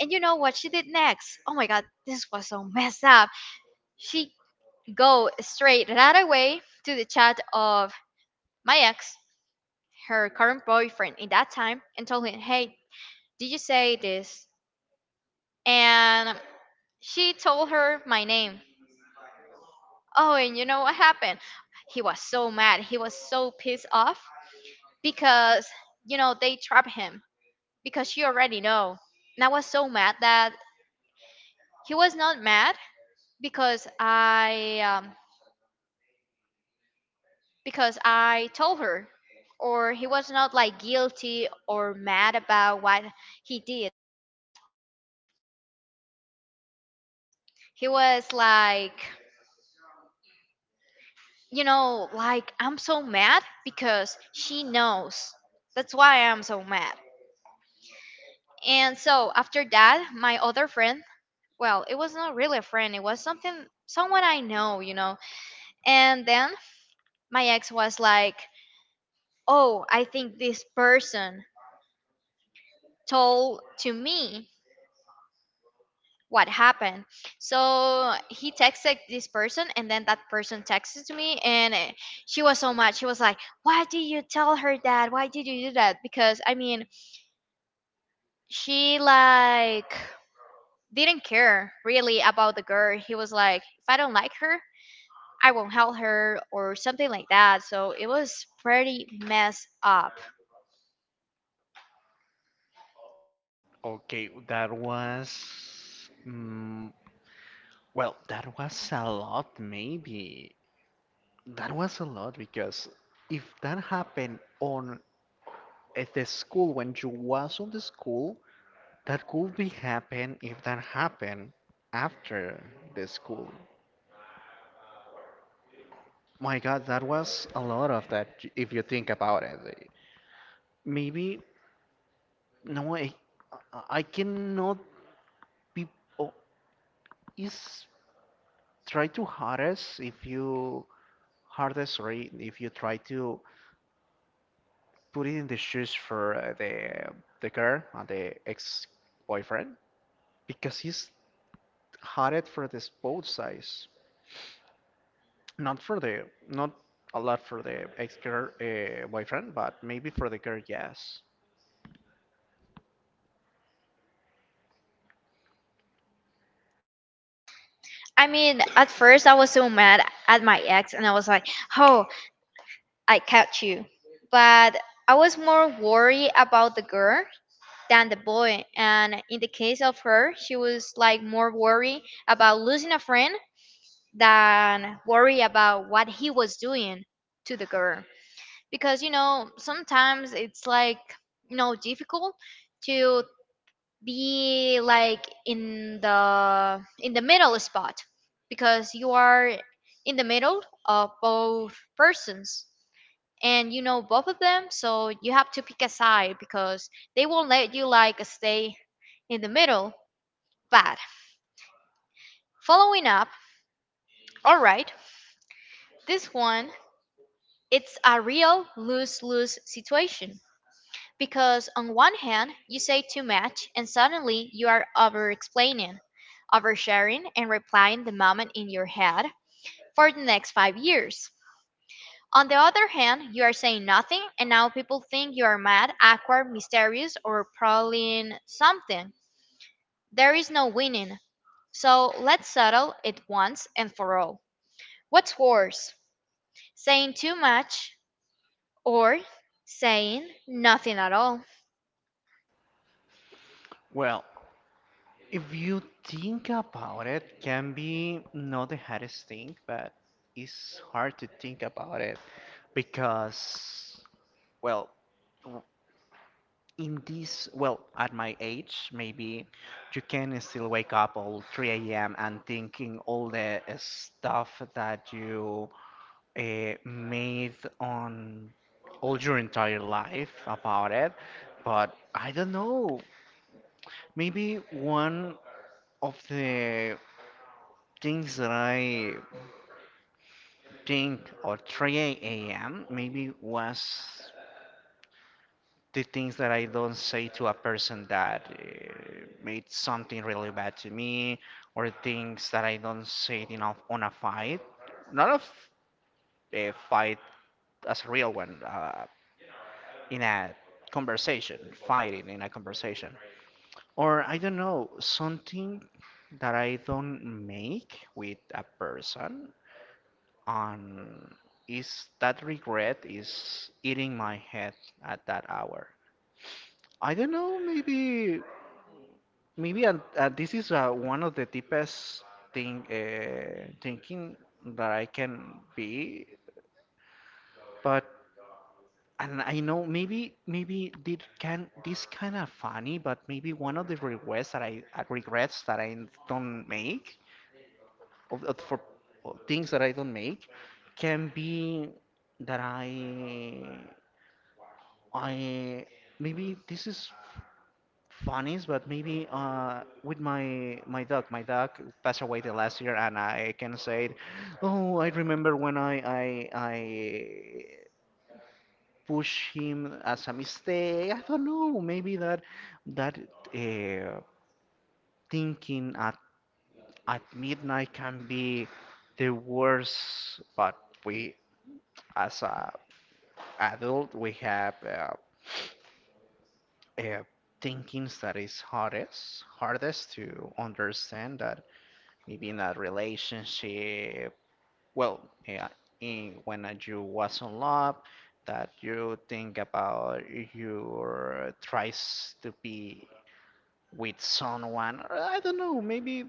[SPEAKER 1] And you know what she did next? Oh my god, this was so messed up. She go straight right away to the chat of my ex, her current boyfriend in that time, and told him, hey, did you say this? And she told her my name. Oh, and you know what happened? He was so mad. He was so pissed off because you know they trapped him because she already know. And I was so mad that he was not mad because i um, because i told her. Or he was not like guilty or mad about what he did. He was like, you know like, I'm so mad because she knows. That's why I'm so mad. And so after that my other friend, well it was not really a friend, it was something someone I know. you know And then my ex was like, oh, I think this person told to me what happened. So he texted this person, and then that person texted to me, and eh, she was so mad. She was like, why did you tell her that? Why did you do that? Because, I mean, she like didn't care really about the girl. He was like, if I don't like her, I won't help her, or something like that. So it was pretty messed up.
[SPEAKER 2] Okay, that was. Mm, well, that was a lot, maybe. That was a lot because if that happened on at the school when you was on the school, that could be happen if that happened after the school. My God, that was a lot of that j- if you think about it. Maybe no, I, I cannot be. Oh, is try to harass if you harass sorry if you try to put it in the shoes for uh, the the girl and the ex-boyfriend because he's had it for this both sides, not for the not a lot for the ex-girl uh, boyfriend, but maybe for the girl, yes.
[SPEAKER 1] I mean, at first I was so mad at my ex and I was like, "Oh, I catch you." But I was more worried about the girl than the boy, and in the case of her, she was like more worried about losing a friend than worry about what he was doing to the girl. Because you know, sometimes it's like, you know, difficult to be like in the in the middle spot, because you are in the middle of both persons and you know both of them, so you have to pick a side because they won't let you like stay in the middle. But following up, all right, this one it's a real lose lose situation. Because on one hand, you say too much and suddenly you are over explaining, oversharing, and replying the moment in your head for the next five years. On the other hand, you are saying nothing and now people think you are mad, awkward, mysterious, or prowling something. There is no winning. So let's settle it once and for all. What's worse, saying too much or saying nothing at all?
[SPEAKER 2] Well, if you think about it, can be not the hardest thing, but it's hard to think about it because, well, in this, well, at my age, maybe you can still wake up all three a m and thinking all the stuff that you uh, made on all your entire life about it. But I don't know. Maybe one of the things that I think at three a m maybe was. The things that I don't say to a person that uh, made something really bad to me, or things that I don't say in a, on a fight, not a, f- a fight as a real one, uh, in a conversation, fighting in a conversation, or I don't know something that I don't make with a person on. Is that regret is eating my head at that hour? I don't know, maybe maybe uh, uh, this is uh, one of the deepest thing uh, thinking that I can be, but and I know maybe maybe this can this kind of funny, but maybe one of the regrets that I uh, regrets that I don't make of, of for of things that I don't make can be that I I maybe this is funnies, but maybe uh, with my my dog. My dog passed away the last year, and I can say, oh, I remember when I I I push him as a mistake. I don't know. Maybe that that uh, thinking at at midnight can be the worst. But we, as a adult, we have uh, uh, thinkings that is hardest hardest to understand that maybe in a relationship well yeah, in, when uh, you was in love that you think about your tries to be with someone or I don't know maybe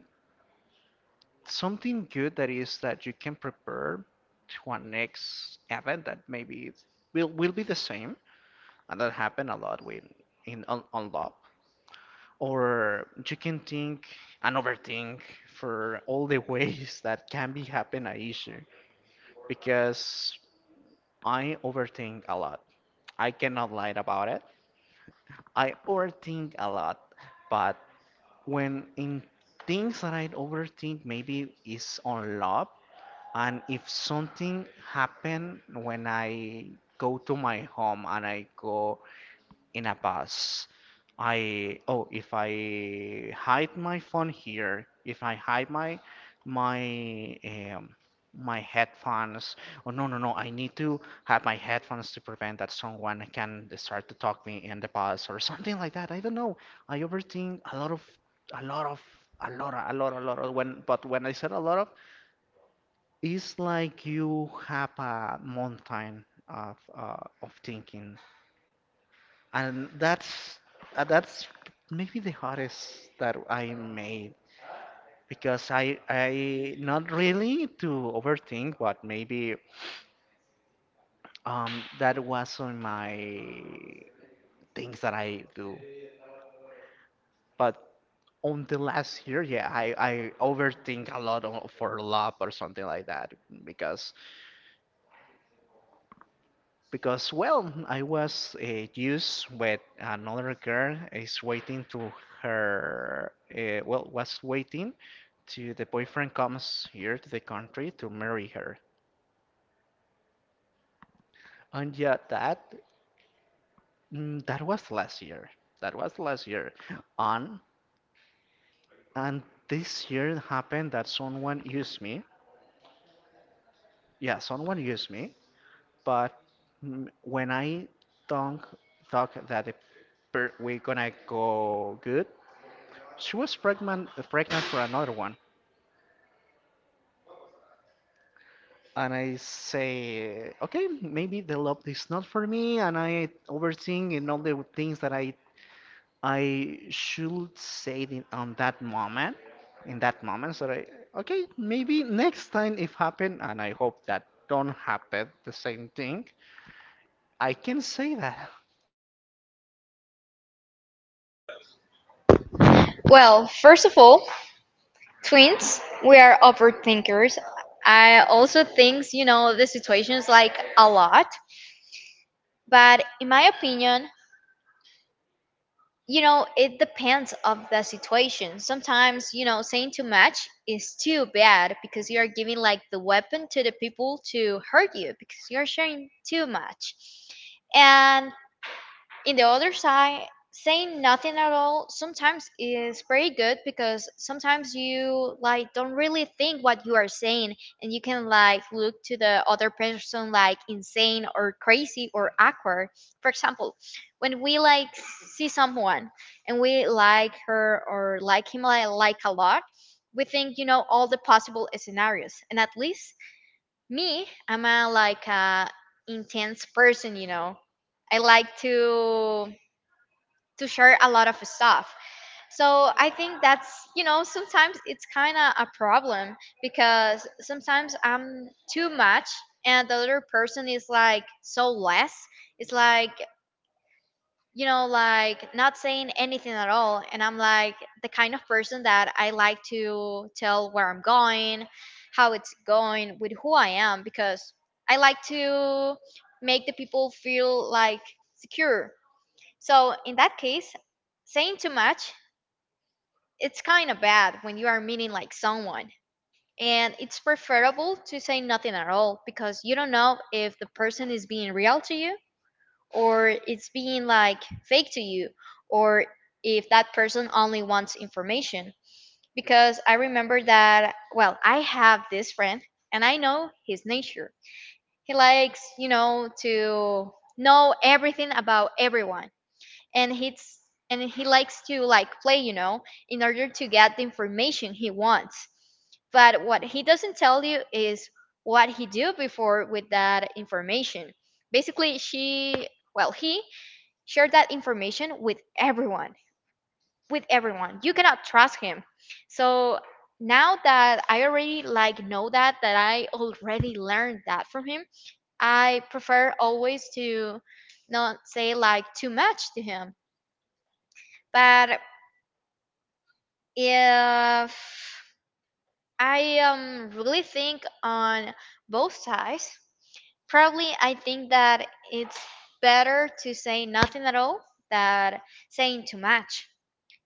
[SPEAKER 2] something good that is that you can prepare to a next event that maybe it's- will will be the same and that happen a lot with in on, on love or you can think and overthink for all the [laughs] ways that can be happen a issue because I overthink a lot. I cannot lie about it. I overthink a lot, but when in things that I overthink, maybe is on love. And if something happen when I go to my home and I go in a bus. I oh, if I hide my phone here, if I hide my my um, my headphones. Oh no no no! I need to have my headphones to prevent that someone can start to talk me in the bus or something like that. I don't know. I overthink a lot of a lot of a lot of, a lot a lot of when but when I said a lot of, it's like you have a mountain of uh, of thinking and that's uh, that's maybe the hardest that I made because I I not really to overthink but maybe um that was on my things that I do, but on the last year, yeah, I I overthink a lot on, for love or something like that because because well I was uh, used with another girl is waiting to her uh, well was waiting to the boyfriend comes here to the country to marry her and yeah that mm, that was last year that was last year on and this year happened that someone used me yeah someone used me but mm, when I don't talk, that the per- we're gonna go good. She was pregnant, uh, pregnant for another one. And I say, okay, maybe the love is not for me, and I overthink in all the things that I I should say in, on that moment, in that moment. So I, okay, maybe next time if happen, and I hope that don't happen the same thing. I can say that.
[SPEAKER 1] Well, first of all, Twins, we are overthinkers. I also think, you know, the situations like a lot. But in my opinion, you know, it depends of the situation. Sometimes, you know, saying too much is too bad because you are giving like the weapon to the people to hurt you because you're sharing too much. And in the other side saying nothing at all sometimes is pretty good because sometimes you like don't really think what you are saying and you can like look to the other person like insane or crazy or awkward. For example, when we like see someone and we like her or like him like, like a lot, we think you know all the possible scenarios. And at least me, I'm a like a intense person. you know I like to to share a lot of stuff. So I think that's you know sometimes it's kind of a problem because sometimes I'm too much and the other person is like so less. It's like you know like not saying anything at all, and I'm like the kind of person that I like to tell where I'm going, how it's going, with who I am, because I like to make the people feel like secure. So in that case, saying too much, it's kind of bad when you are meeting like someone. And it's preferable to say nothing at all because you don't know if the person is being real to you or it's being like fake to you or if that person only wants information. Because I remember that, well, I have this friend and I know his nature. He likes, you know, to know everything about everyone, and he's and he likes to like play you know in order to get the information he wants. But what he doesn't tell you is what he do before with that information. Basically, she well, he shared that information with everyone, with everyone you cannot trust him. So now that I already like know that that, I already learned that from him, I prefer always to not say like too much to him. But if I um really think on both sides, probably I think that it's better to say nothing at all than saying too much,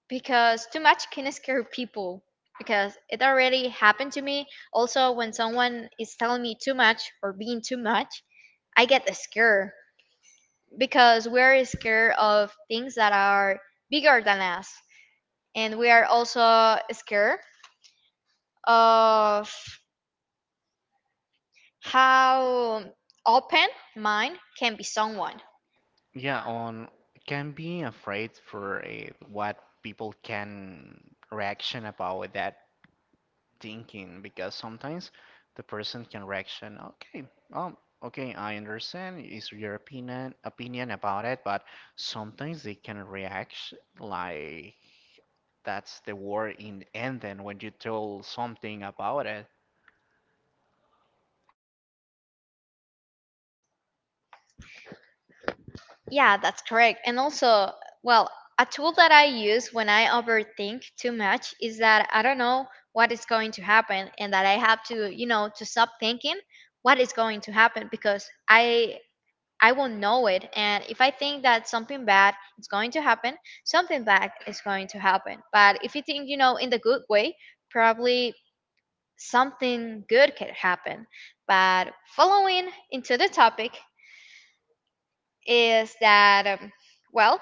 [SPEAKER 1] because too much can scare people, because it already happened to me also. When someone is telling me too much or being too much, I get the scare, because we're scared of things that are bigger than us, and we are also scared of how open mind can be someone.
[SPEAKER 2] Yeah, on can be afraid for uh, what people can reaction about that thinking because sometimes the person can reaction, okay, um, okay, I understand is your opinion opinion about it, but sometimes they can react like that's the word in and then when you tell something about it.
[SPEAKER 1] Yeah, that's correct. And also, well, a tool that I use when I overthink too much is that I don't know what is going to happen, and that I have to, you know, to stop thinking what is going to happen, because I I won't know it. And if I think that something bad is going to happen, something bad is going to happen. But if you think, you know, in the good way, probably something good can happen. But following into the topic is that, um, well,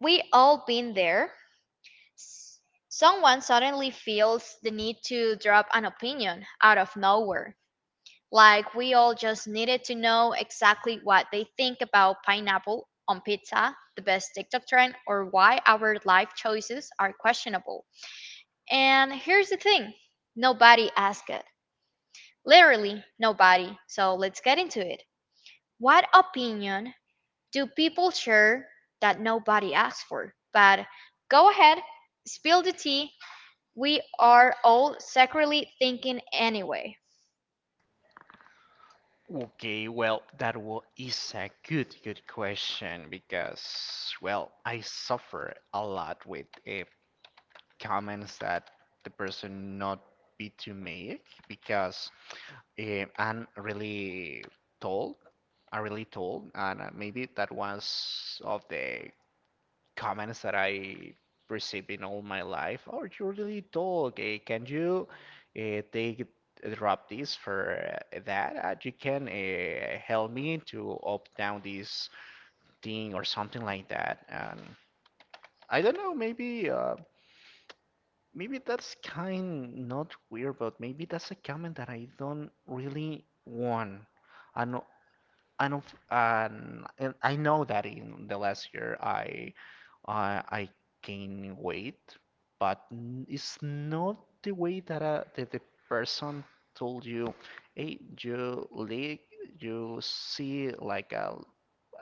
[SPEAKER 1] we all been there. S- Someone suddenly feels the need to drop an opinion out of nowhere. Like we all just needed to know exactly what they think about pineapple on pizza, the best TikTok trend, or why our life choices are questionable. And here's the thing: nobody asked. Literally, nobody. So let's get into it. What opinion do people share that nobody asked for? But go ahead, spill the tea. We are all secretly thinking anyway.
[SPEAKER 2] Okay, well, that wa is a good, good question because, well, I suffer a lot with uh, comments that the person not be to make because eh, I'm really told, I really told, and uh, maybe that was of the comments that I received in all my life. Oh, you really tall. Okay, can you uh, take eh, drop this for uh, that? Uh, you can uh, help me to up down this thing or something like that. And I don't know, maybe. Uh, Maybe that's kind not weird, but maybe that's a comment that I don't really want. I know, I know, um, and I know that in the last year I, I, I gain weight, but n- it's not the way that, uh that the person told you, hey, you li you see like a,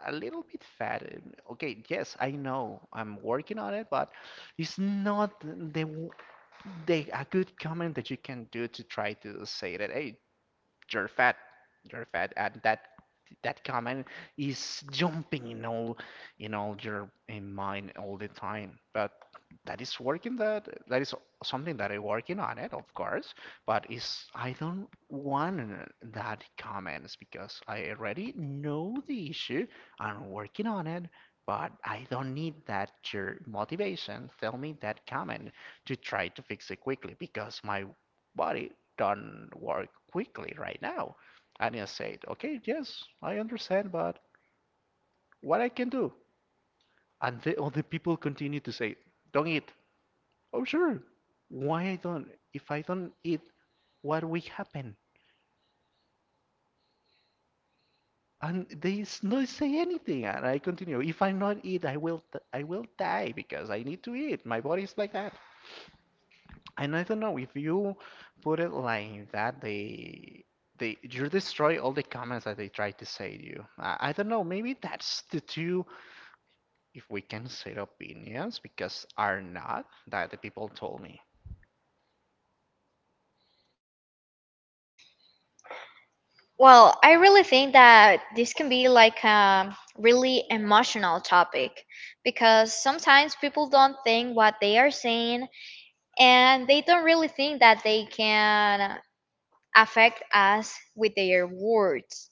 [SPEAKER 2] a little bit fat. Um, Okay, yes, I know I'm working on it, but it's not the w- they a good comment that you can do to try to say that hey you're fat. You're fat. And that that comment is jumping in all in all your in mind all the time. But that is working that that is something that I'm working on it, of course. But is I don't want that comments because I already know the issue. I'm working on it. But I don't need that your motivation. Tell me that comment to try to fix it quickly because my but it don't work quickly right now. And I said, okay, yes, I understand, but what I can do? And the other people continue to say, don't eat. Oh, sure. Why I don't? If I don't eat, what will happen? And they s- not say anything, and I continue. If I not eat, I will, I will die because I need to eat. My body is like that. And I don't know if you put it like that, they they you destroy all the comments that they try to say to you. I, I don't know, maybe that's the two, if we can say opinions, because are not that the people told me.
[SPEAKER 1] Well, I really think that this can be like a really emotional topic, because sometimes people don't think what they are saying, and they don't really think that they can affect us with their words.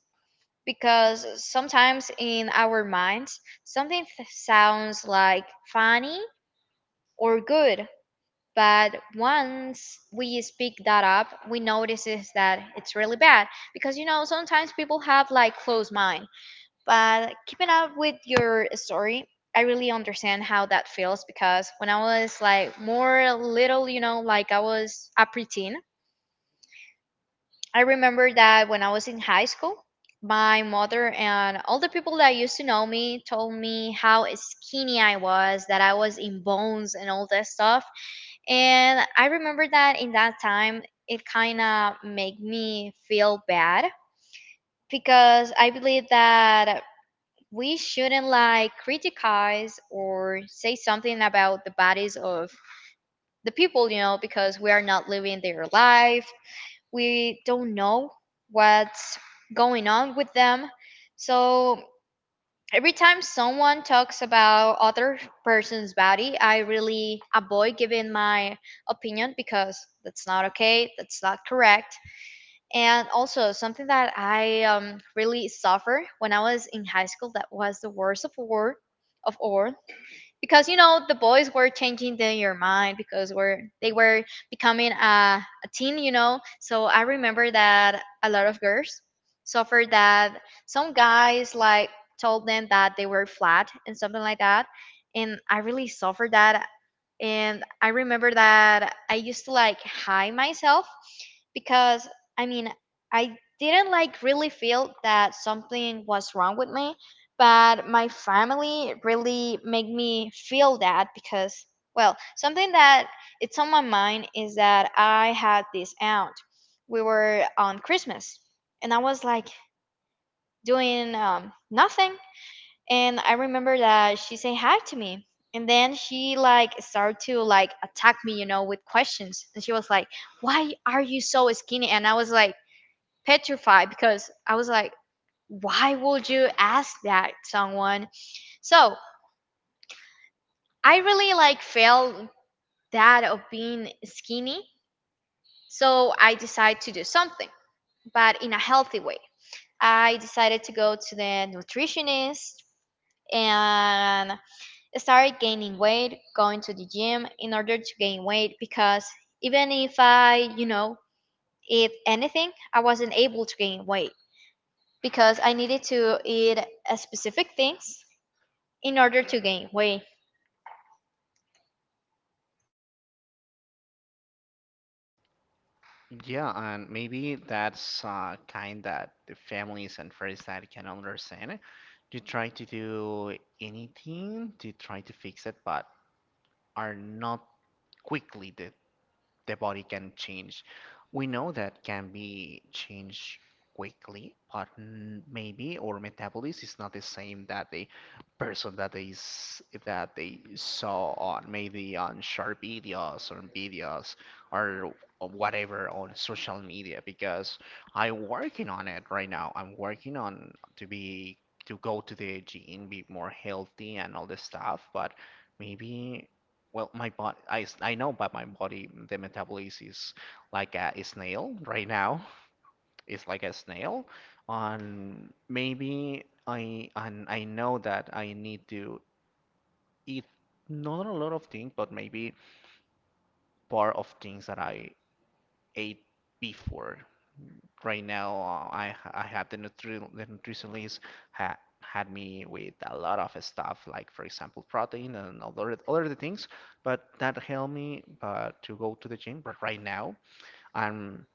[SPEAKER 1] Because sometimes in our minds something th- sounds like funny or good, but once we speak that up, we notices that it's really bad, because you know sometimes people have like closed mind. But keeping up with your story, I really understand how that feels, because when I was like more little, you know like, I was a preteen. I remember that when I was in high school, my mother and all the people that used to know me told me how skinny I was, that I was in bones and all that stuff. And I remember that in that time, it kind of made me feel bad, because I believe that we shouldn't like criticize or say something about the bodies of the people, you know, because we are not living their life. We don't know what's going on with them. So every time someone talks about other person's body, I really avoid giving my opinion, because that's not okay, that's not correct. And also something that i um, really suffer when I was in high school, that was the worst of war of all, because you know the boys were changing their mind, because we're they were becoming a, a teen, you know so I remember that a lot of girls suffered that, some guys like told them that they were flat and something like that, and I really suffered that. And I remember that I used to like hide myself, because I mean, I didn't like really feel that something was wrong with me, but my family really make me feel that. Because well, something that it's on my mind is that I had this aunt. We were on Christmas and I was like doing um, nothing, and I remember that she said hi to me, and then she like started to like attack me you know with questions. And she was like, why are you so skinny? And I was like petrified, because I was like, why would you ask that someone? So I really like felt that of being skinny. So I decided to do something, but in a healthy way. I decided to go to the nutritionist and started gaining weight, going to the gym in order to gain weight, because even if I, you know, eat anything, I wasn't able to gain weight. Because I needed to eat a specific things in order to gain weight.
[SPEAKER 2] Yeah, and maybe that's uh, kind that the families and friends that can understand. You try to do anything to try to fix it, but are not quickly the their body can change. We know that can be changed quickly, but n- maybe our metabolism is not the same that the person that they s- that they saw on maybe on short videos or videos or whatever on social media because I'm working on it right now. I'm working on to be to go to the gym, be more healthy and all this stuff, but maybe well, my body, I, s- I know, but my body, the metabolism is like a snail right now. It's like a snail. On maybe I and I know that I need to eat not a lot of things, but maybe part of things that I ate before. Right now, uh, I I have the nutri the nutritionist ha had me with a lot of stuff, like for example protein and other other things, but that helped me uh, to go to the gym. But right now, I'm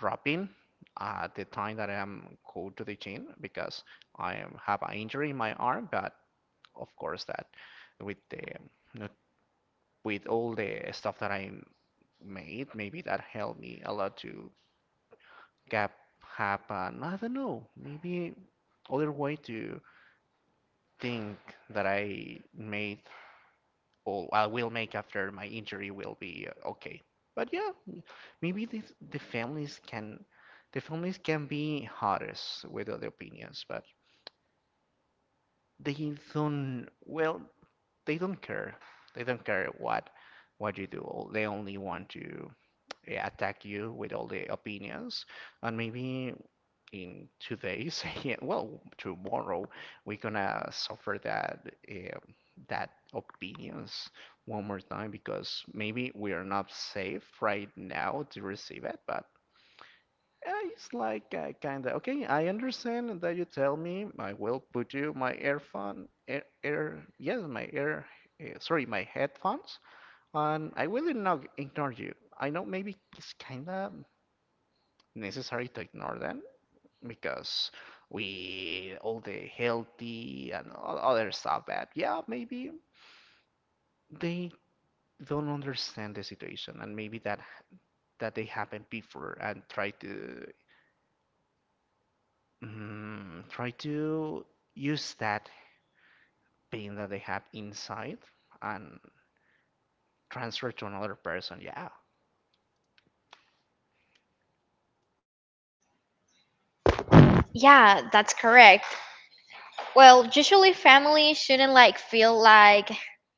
[SPEAKER 2] dropping uh, the time that I am go to the gym because I am- have an injury in my arm. But of course, that with the nut- with all the stuff that I made, maybe that helped me a lot to gap happen. I don't know. Maybe other way to think that I made or I will make after my injury will be uh, okay. But yeah, maybe this, the families can the families can be hardest with other opinions, but they don't well they don't care. They don't care what what you do. They only want to eh, attack you with all the opinions, and maybe in two days, [laughs] well, tomorrow, we're gonna suffer that um, that opinions one more time because maybe we are not safe right now to receive it, but uh, it's like uh, kind of okay. I understand that you tell me. I will put you my earphone, air, air yes, my ear, uh, sorry, my headphones, and I will not ignore you. I know maybe it's kind of necessary to ignore them, because we all the healthy and all other stuff that yeah maybe they don't understand the situation and maybe that that they happened before and try to mm, try to use that pain that they have inside and transfer to another person, yeah.
[SPEAKER 1] Yeah, that's correct. Well, usually family shouldn't like feel like,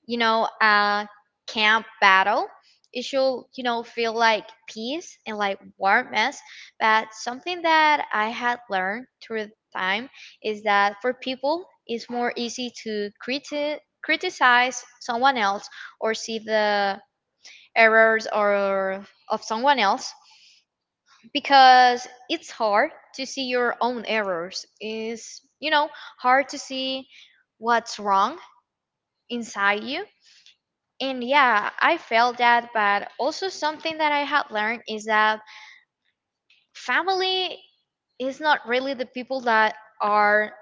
[SPEAKER 1] you know, a camp battle. It should, you know, feel like peace and like warmth. But something that I had learned through the time is that for people, it's more easy to criti- criticize someone else, or see the errors or of someone else, because it's hard to see your own errors, is you know hard to see what's wrong inside you. And yeah, I felt that. But also something that I had learned is that family is not really the people that are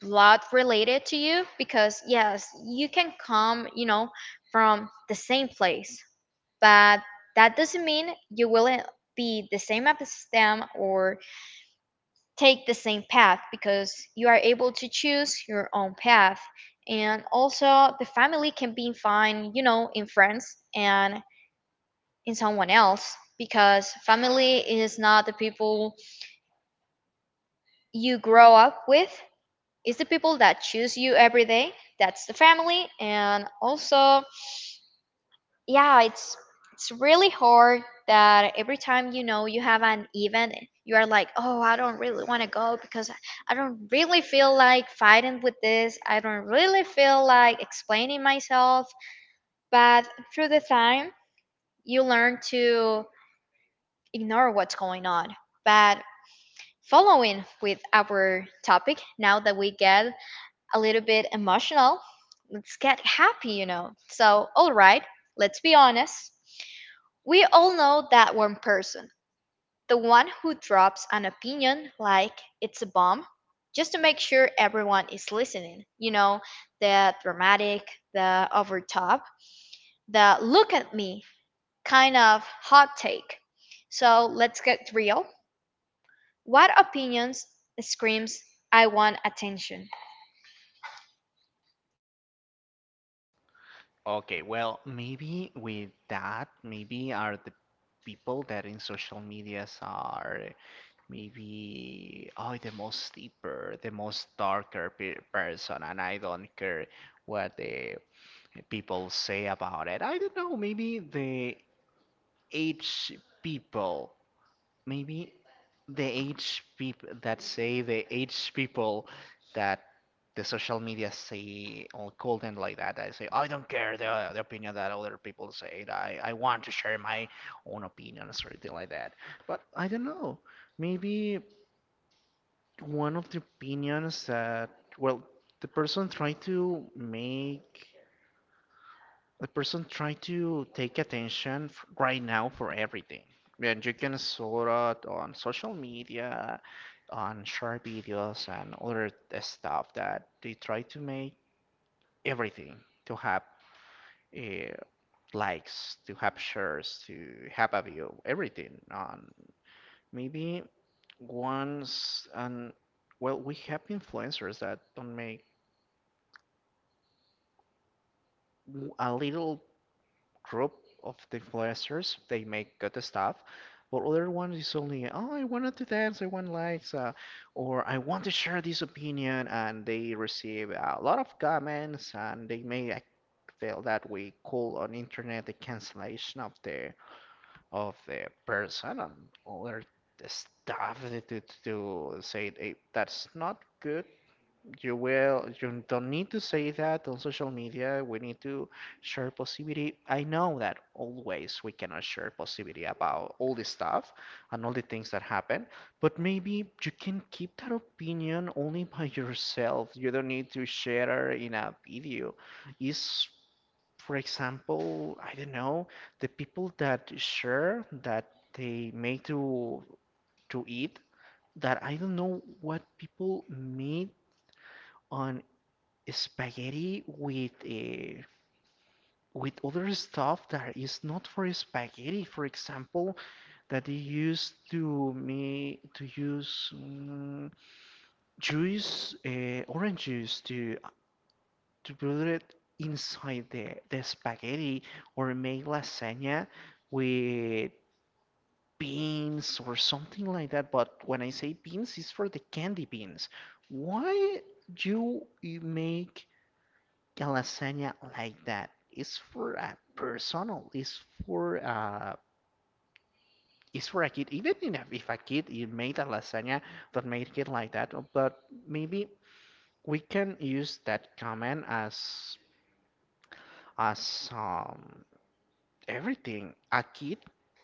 [SPEAKER 1] blood related to you, because yes, you can come you know from the same place, but that doesn't mean you will be the same as them or take the same path, because you are able to choose your own path. And also the family can be fine you know in friends and in someone else, because family is not the people you grow up with, it's the people that choose you every day. That's the family. And also, yeah, it's it's really hard that every time you know you have an event, you are like, oh, I don't really want to go, because i I don't really feel like fighting with this, I don't really feel like explaining myself. But through the time you learn to ignore what's going on. But following with our topic, now that we get a little bit emotional, let's get happy you know so all right, let's be honest. We all know that one person, the one who drops an opinion like it's a bomb, just to make sure everyone is listening. You know, the dramatic, the over top, the look at me kind of hot take. So let's get real. What opinions screams, I want attention?
[SPEAKER 2] Okay, well, maybe with that, maybe are the people that in social medias are maybe oh the most deeper, the most darker pe person, and I don't care what the people say about it. I don't know, maybe the age people maybe the age people that say the age people that the social media say or call and like that. I say I don't care the the opinion that other people say. I I want to share my own opinion or something like that. But I don't know. Maybe one of the opinions that well the person tried to make the person try to take attention f- right now for everything. And you can sort out on social media, on short videos and other stuff that they try to make everything to have uh, likes, to have shares, to have a view, everything. On maybe once and well, we have influencers that don't make a little group of influencers. They make good stuff, but other ones is only, oh, I wanted to dance, I want likes, uh, or I want to share this opinion, and they receive a lot of comments, and they may ac- feel that we call on internet the cancellation of the of the person and other stuff to to, to say eh, that's not good. you will, you don't need to say that on social media. We need to share positivity. I know that always we cannot share positivity about all this stuff and all the things that happen, but maybe you can keep that opinion only by [laughs] yourself. You don't need to share in a video. Is, for example, I don't know, the people that share that they make to to eat that I don't know what people made on spaghetti with uh, with other stuff that is not for spaghetti. For example, that they used to me to use um, juice, uh, orange juice to to put it inside the the spaghetti or make lasagna with beans or something like that. But when I say beans, it's for the candy beans. Why you you make a lasagna like that is for a personal. Or is for uh is for a kid even in a, if a kid you made a lasagna that made it like that, but maybe we can use that comment as as um everything. A kid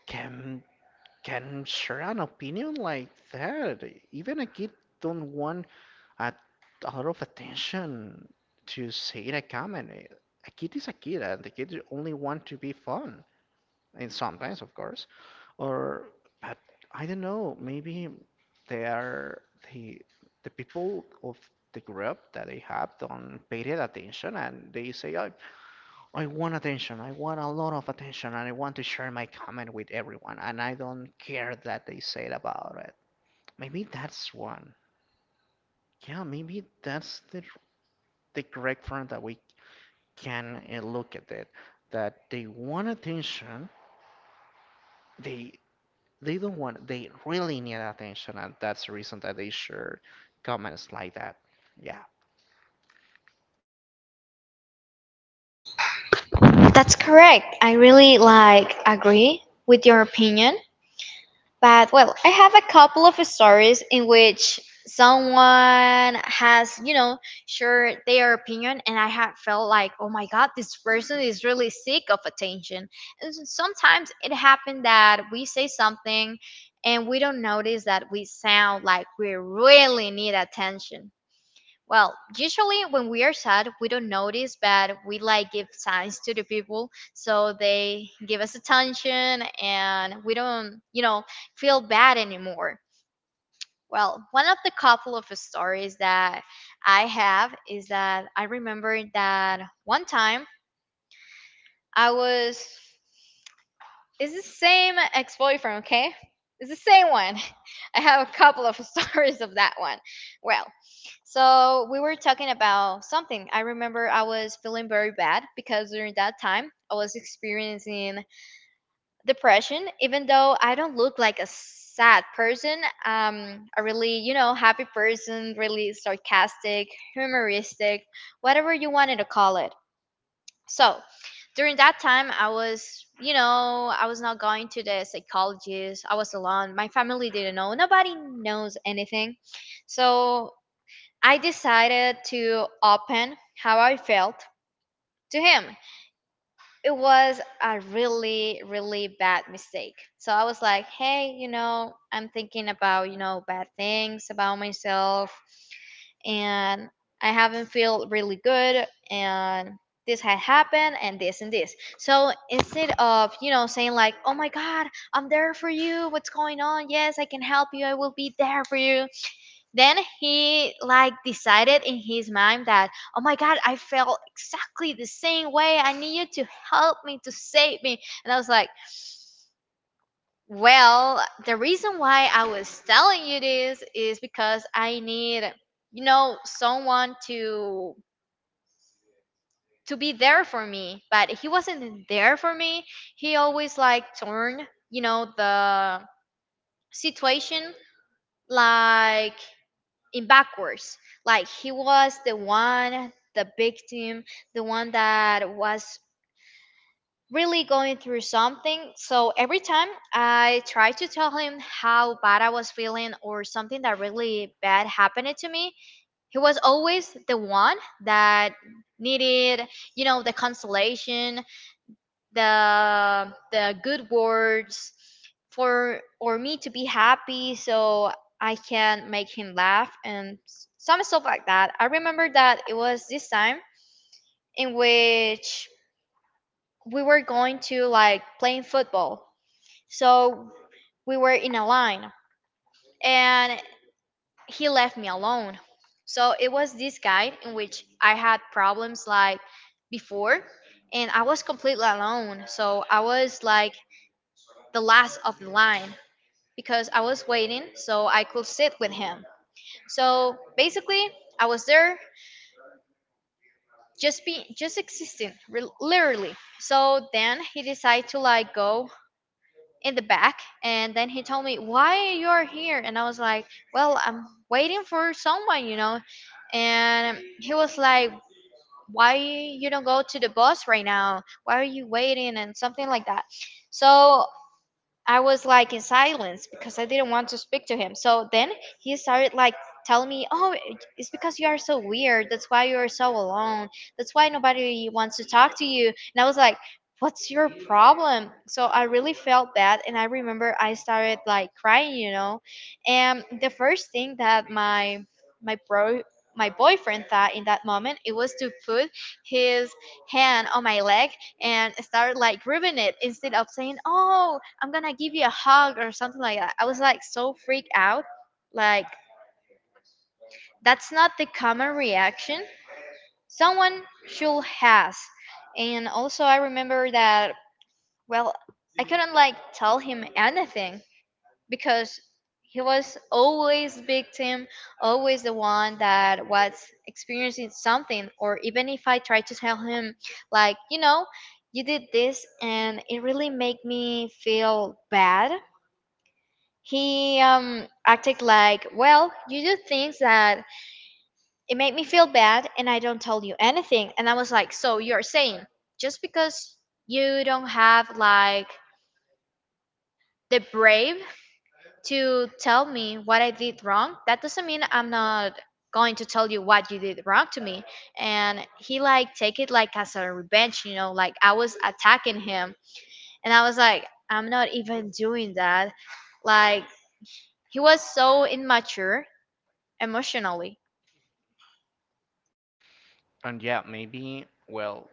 [SPEAKER 2] can can share an opinion like that. Even a kid don't want a lot of attention to say a comment. Eh, A kid is a kid, and the kid only want to be fun, and sometimes, of course. Or, but I don't know. Maybe they are the the people of the group that they have don't pay that attention, and they say, "Oh, I want attention. I want a lot of attention, and I want to share my comment with everyone, and I don't care that they said about it." Maybe that's one. Yeah, maybe that's the the correct front that we can uh, look at it. That they want attention. They they don't want. They really need attention, and that's the reason that they share comments like that. Yeah,
[SPEAKER 1] That's correct. I really like agree with your opinion. But well, I have a couple of stories in which someone has, you know, shared their opinion, and I have felt like, oh my God, this person is really sick of attention. And s- sometimes it happened that we say something and we don't notice that we sound like we really need attention. Well, usually when we are sad, we don't notice, but we like give signs to the people so they give us attention, and we don't, you know, feel bad anymore. Well, one of the couple of stories that I have is that I remember that one time I was it's the same ex boyfriend, okay? It's the same one. [laughs] I have a couple of [laughs] stories of that one. Well, so we were talking about something. I remember I was feeling very bad, because during that time I was experiencing depression. Even though I don't look like a sad person, um, a really, you know, happy person, really sarcastic, humoristic, whatever you wanted to call it. So during that time, I was, you know, I was not going to the psychologist. I was alone. My family didn't know. Nobody knows anything. So I decided to open how I felt to him. It was a really, really bad mistake. So I was like, hey, you know, I'm thinking about, you know, bad things about myself, and I haven't felt really good, and this had happened, and this and this. So instead of, you know, saying like, "Oh my God, I'm there for you. What's going on? Yes, I can help you. I will be there for you." Then he like decided in his mind that, "Oh my God, I felt exactly the same way. I need you to help me to save me." And I was like, well, the reason why I was telling you this is because I need, you know, someone to to be there for me. But he wasn't there for me. He always like turned, you know, the situation like in backwards. Like he was the one, the victim, the one that was really going through something. So every time I try to tell him how bad I was feeling or something that really bad happened to me, he was always the one that needed, you know, the consolation, the the good words for or me to be happy so I can make him laugh and s- some stuff like that. I remember that it was this time in which we were going to like playing football, so we were in a line and he left me alone. So it was this guide in which I had problems like before, and I was completely alone. So I was like the last of the line, because I was waiting so I could sit with him. So basically, I was there just be just existing re- literally. So then he decided to like go in the back, and then he told me, "Why you're here?" And I was like, "Well, I'm waiting for someone, you know." And he was like, "Why you don't go to the bus right now? Why are you waiting?" And something like that. So I was like in silence because I didn't want to speak to him. So then he started like telling me, "Oh, it- it's because you are so weird. That's why you are so alone. That's why nobody wants to talk to you." And I was like, "What's your problem?" So I really felt bad, and I remember I started like crying, you know. And the first thing that my my bro my boyfriend thought in that moment, it was to put his hand on my leg and started like rubbing it instead of saying, "Oh, I'm gonna give you a hug or something like that." I was like so freaked out. Like, that's not the common reaction someone should has. And also I remember that, well, I couldn't like tell him anything because he was always victim, always the one that was experiencing something. Or even if I tried to tell him like, you know, "You did this and it really made me feel bad," he um acted like, "Well, you do things that it made me feel bad, and I don't tell you anything." And I was like, "So you're saying just because you don't have like the brave to tell me what I did wrong, that doesn't mean I'm not going to tell you what you did wrong to me." And he like take it like as a revenge, you know, like I was attacking him, and I was like, "I'm not even doing that." Like, he was so immature emotionally.
[SPEAKER 2] and yeah, maybe well,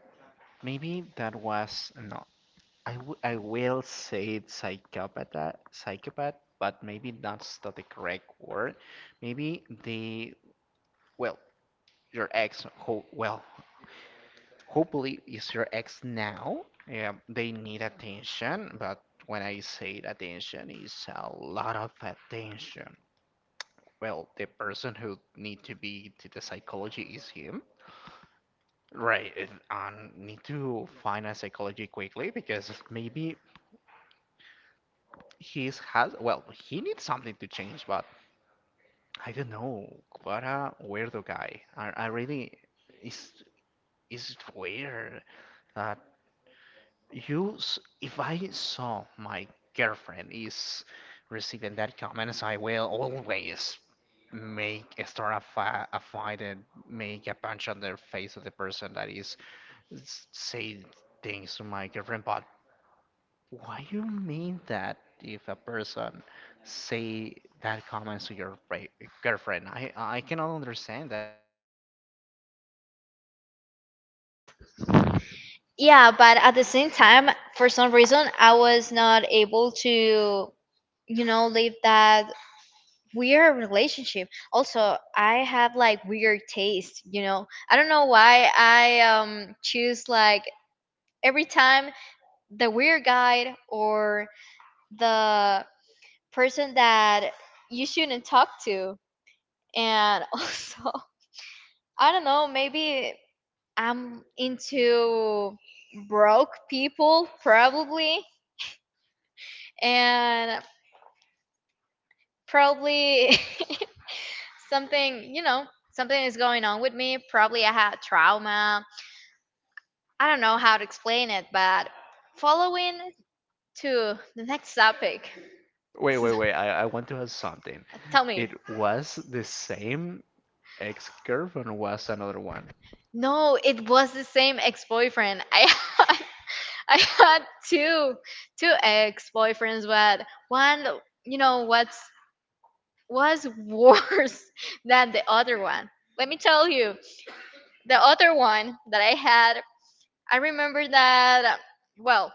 [SPEAKER 2] maybe that was no. I, w I will say it's psychopath, uh, psychopath, but maybe that's not the correct word. Maybe the well, your ex, ho well, hopefully it's your ex now. Yeah, they need attention, but when I say attention, it's a lot of attention. Well, the person who need to be to the psychology is him. Right, and need to find a psychology quickly because maybe he's has well, he needs something to change, but I don't know. What a weirdo guy. I, I really is is weird that you s- if I saw my girlfriend is receiving that comments, I will always make start a, fi- a fight and make a punch on the face of the person that is s- saying things to my girlfriend. But why you mean that if a person say that comments to your ra- girlfriend? I I cannot understand that.
[SPEAKER 1] Yeah, but at the same time, for some reason, I was not able to, you know, leave that weird relationship. Also, I have like weird taste, you know. I don't know why I um choose like every time the weird guy or the person that you shouldn't talk to. And [laughs] also I don't know, maybe I'm into broke people, probably, and probably [laughs] something, you know, something is going on with me. Probably I had trauma. I don't know how to explain it, but following to the next topic,
[SPEAKER 2] Wait, wait, wait. I, I want to ask something.
[SPEAKER 1] tell me.
[SPEAKER 2] It was the same ex-girlfriend, was another one?
[SPEAKER 1] No, it was the same ex-boyfriend. [laughs] I had, I had two two ex-boyfriends, but one, you know, what's was [laughs] worse than the other one. Let me tell you, the other one that I had, I remember that, um, well,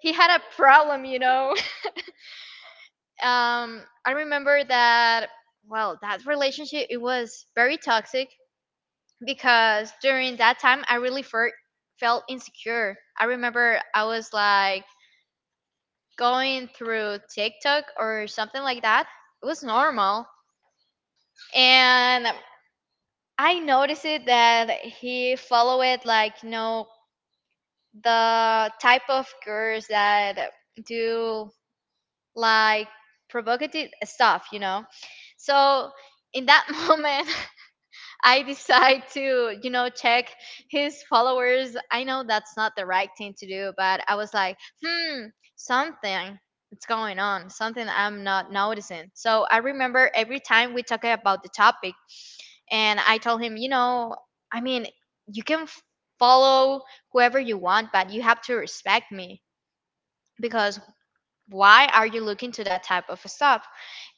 [SPEAKER 1] he had a problem, you know. [laughs] Um, I remember that, well, that relationship, it was very toxic because during that time, I really fer- felt insecure. I remember I was like going through TikTok or something like that. It was normal. And I noticed it that he follow it like, you know, the type of girls that do like provocative stuff, you know. So in that [laughs] moment, I decide to, you know, check his followers. I know that's not the right thing to do, but I was like, hmm, something. It's going on something I'm not noticing. So I remember every time we talk about the topic, and I told him, you know, I mean, you can f- follow whoever you want, but you have to respect me. Because why are you looking to that type of stuff?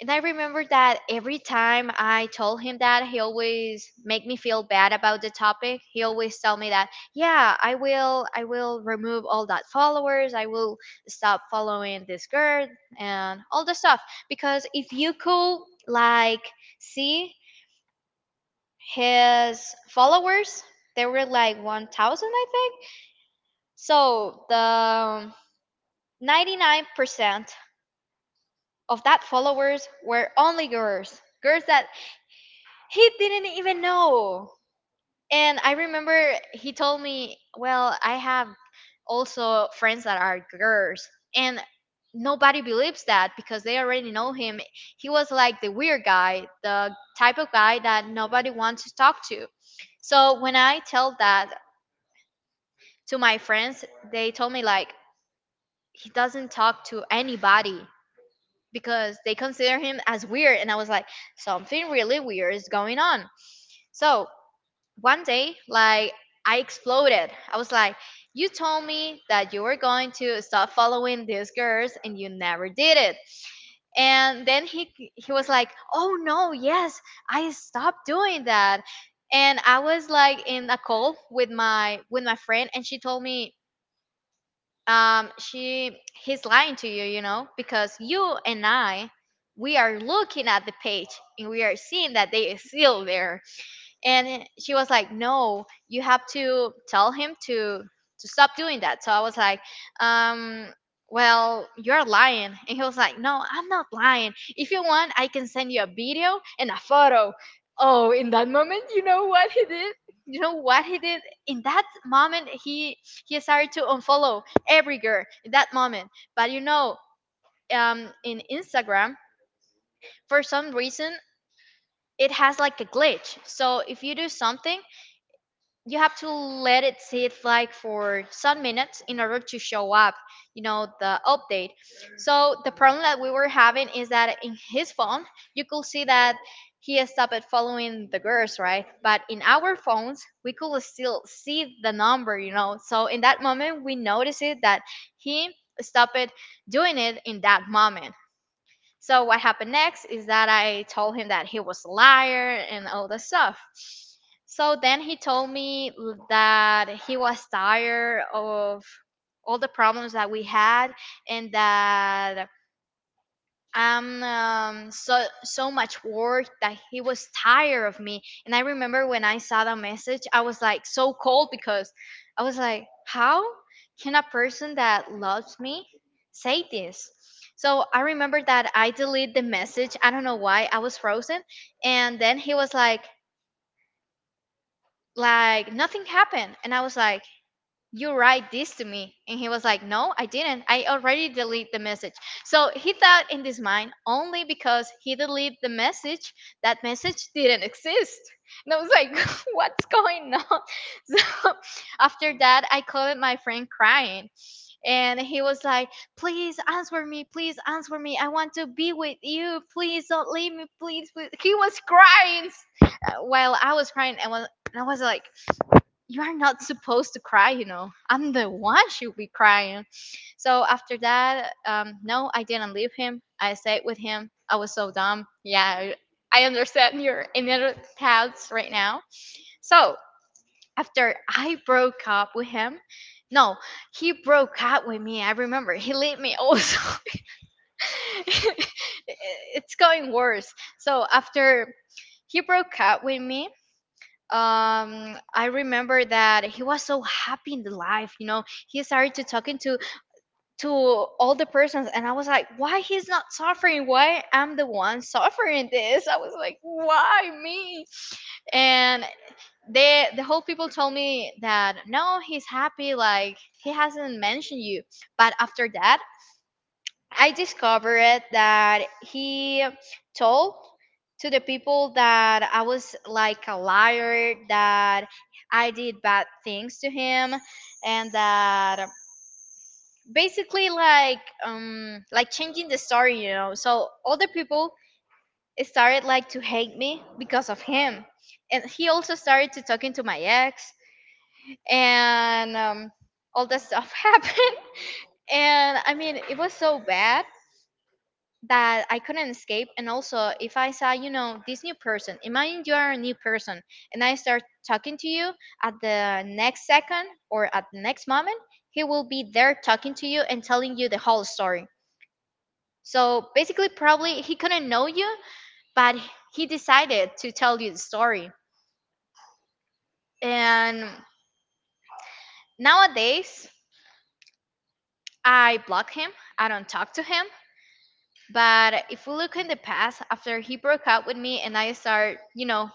[SPEAKER 1] And I remember that every time I told him that, he always make me feel bad about the topic. He always tell me that, "Yeah, I will, I will remove all that followers. I will stop following this girl and all the stuff." Because if you could like see his followers, they were like one thousand, I think. So the ninety-nine percent of that followers were only girls, girls that he didn't even know. And I remember he told me, "Well, I have also friends that are girls." And nobody believes that because they already know him. He was like the weird guy, the type of guy that nobody wants to talk to. So when I tell that to my friends, they told me like he doesn't talk to anybody because they consider him as weird. And I was like, something really weird is going on. So, one day like I exploded. I was like, "You told me that you were going to stop following these girls and you never did it." And then he he was like, "Oh no, yes, I stopped doing that." And I was like in a call with my with my friend, and she told me, um she, "He's lying to you, you know, because you and I, we are looking at the page and we are seeing that they is still there." And she was like, "No, you have to tell him to to stop doing that." So I was like, um "Well, you're lying." And he was like, "No, I'm not lying. If you want, I can send you a video and a photo." Oh, in that moment, you know what he did? You know what he did in that moment? He he started to unfollow every girl in that moment. But you know, um in Instagram, for some reason, it has like a glitch. So if you do something, you have to let it sit like for some minutes in order to show up, you know, the update. So the problem that we were having is that in his phone, you could see that he has stopped at following the girls, right? But in our phones, we could still see the number, you know. So in that moment, we noticed it that he stopped doing it in that moment. So what happened next is that I told him that he was a liar and all that stuff. So then he told me that he was tired of all the problems that we had and that um, um so so much work, that he was tired of me. And I remember when I saw the message, I was like so cold because I was like, "How can a person that loves me say this?" So I remember that I deleted the message, I don't know why, I was frozen. And then he was like like nothing happened. And I was like, "You write this to me." And he was like, "No, I didn't. I already delete the message." So he thought in his mind only because he deleted the message, that message didn't exist. And I was like [laughs] what's going on? [laughs] So after that, I called my friend crying, and he was like, "Please answer me, please answer me. I want to be with you. Please don't leave me, please, please." He was crying s- uh, while I was crying. And, was, and I was like, "You are not supposed to cry, you know. I'm the one should be crying." So after that, um, no, I didn't leave him. I stayed with him. I was so dumb. Yeah, I I understand your inner thoughts right now. So after I broke up with him, no, he broke up with me. I remember he leave me also. [laughs] It's going worse. So after he broke up with me, um I remember that he was so happy in the life, you know. He started to talking to to all the persons. And I was like, "Why he's not suffering? Why I'm the one suffering this?" I was like, "Why me?" And they, the whole people, told me that, "No, he's happy. Like, he hasn't mentioned you." But after that, I discovered that he told to the people that I was like a liar, that I did bad things to him, and that basically like um like changing the story, you know. So all the people started like to hate me because of him. And he also started to talking to my ex, and um, all that stuff [laughs] happened. And I mean, it was so bad that I couldn't escape. And also, if I saw, you know, this new person, imagine you are a new person and I start talking to you, at the next second or at the next moment, he will be there talking to you and telling you the whole story. So basically, probably he couldn't know you, but he decided to tell you the story. And nowadays, I block him, I don't talk to him. But if we look in the past, after he broke up with me and I start, you know,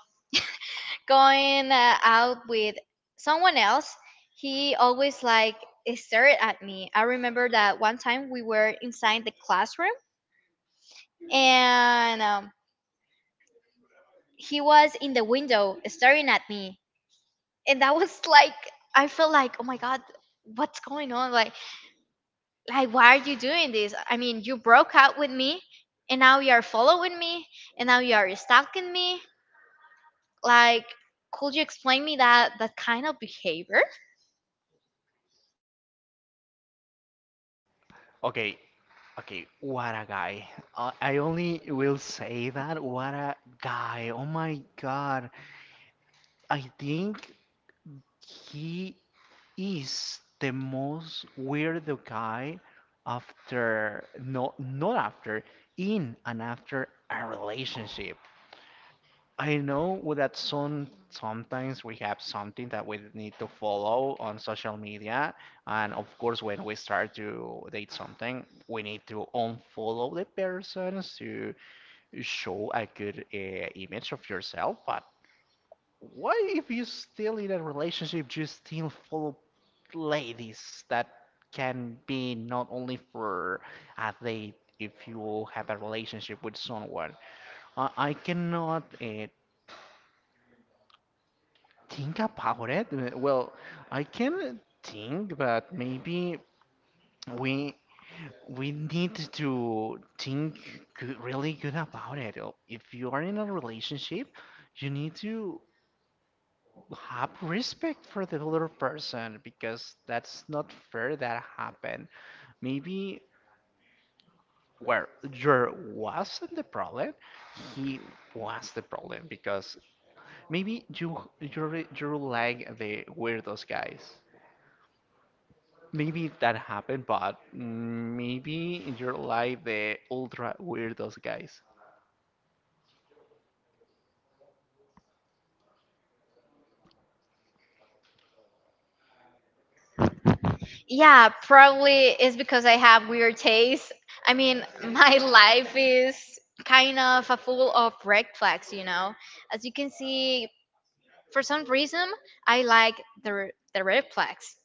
[SPEAKER 1] going uh, out with someone else, he always like stared at me. I remember that one time we were inside the classroom, and um, he was in the window staring at me. And that was like, I felt like, oh my god, what's going on? Like, like why are you doing this? I mean, you broke out with me, and now you are following me, and now you are stalking me. Like, could you explain me that that kind of behavior?
[SPEAKER 2] Okay, okay. What a guy. I, I only will say that. What a guy. Oh my God. I think he is the most weirdo guy after no, not after, in and after a relationship. I know that some sometimes we have something that we need to follow on social media, and of course when we start to date something we need to unfollow the persons to show a good uh, image of yourself. But why, if you're still in a relationship, you still follow ladies that can be not only for a date if you have a relationship with someone? I, I cannot uh, think about it. Uh, Well, I can think, but maybe we we need to think good, really good about it. Uh, If you are in a relationship, you need to have respect for the other person because that's not fair that happened. Maybe where there wasn't the problem, he was the problem because maybe you you re- you like the weirdos guys. Maybe that happened, but maybe you're like the ultra weirdos guys.
[SPEAKER 1] Yeah, probably it's because I have weird taste. I mean, my [laughs] life is kind of a full of red flags, you know. As you can see, for some reason, I like the r- the red flags,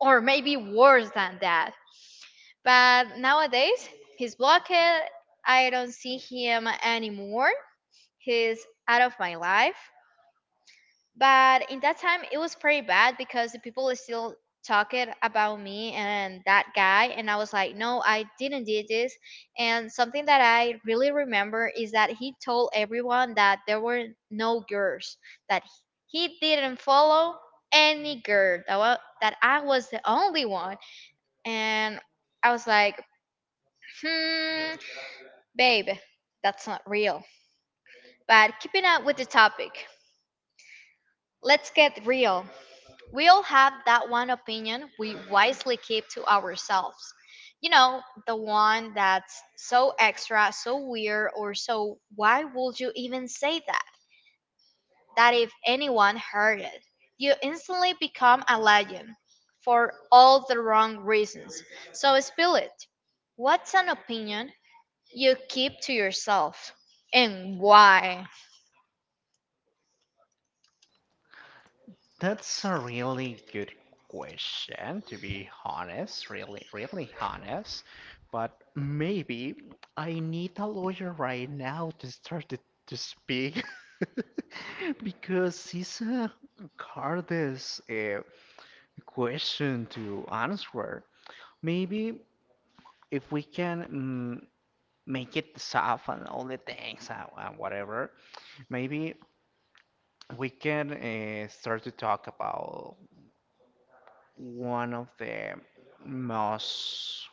[SPEAKER 1] or maybe worse than that. But nowadays, he's blocked. I don't see him anymore. He's out of my life. But in that time it was pretty bad because the people is still talking about me and that guy, and I was like, no, I didn't do this. And something that I really remember is that he told everyone that there were no girls, that he he didn't follow any girl, that, wa- that I was the only one. And I was like, hmm, babe, that's not real. But keeping up with the topic, let's get real. We all have that one opinion we wisely keep to ourselves. You know, the one that's so extra, so weird, or so why would you even say that? That if anyone heard it, you instantly become a legend for all the wrong reasons. So spill it. What's an opinion you keep to yourself and why?
[SPEAKER 2] That's a really good question, to be honest, really, really honest. But maybe I need a lawyer right now to start to, to speak [laughs] because it's a hardest uh, question to answer. Maybe if we can mm, make it soft and all the things and, and whatever, maybe we can uh, start to talk about one of the most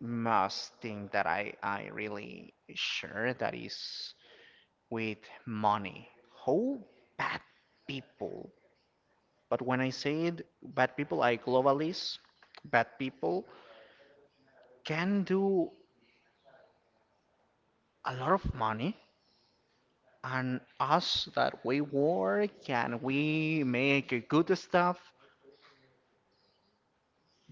[SPEAKER 2] most thing that I I really share, that is with money. How bad people, but when I say it, bad people, I globalize. Bad people can do a lot of money, and us that we work and we make good stuff,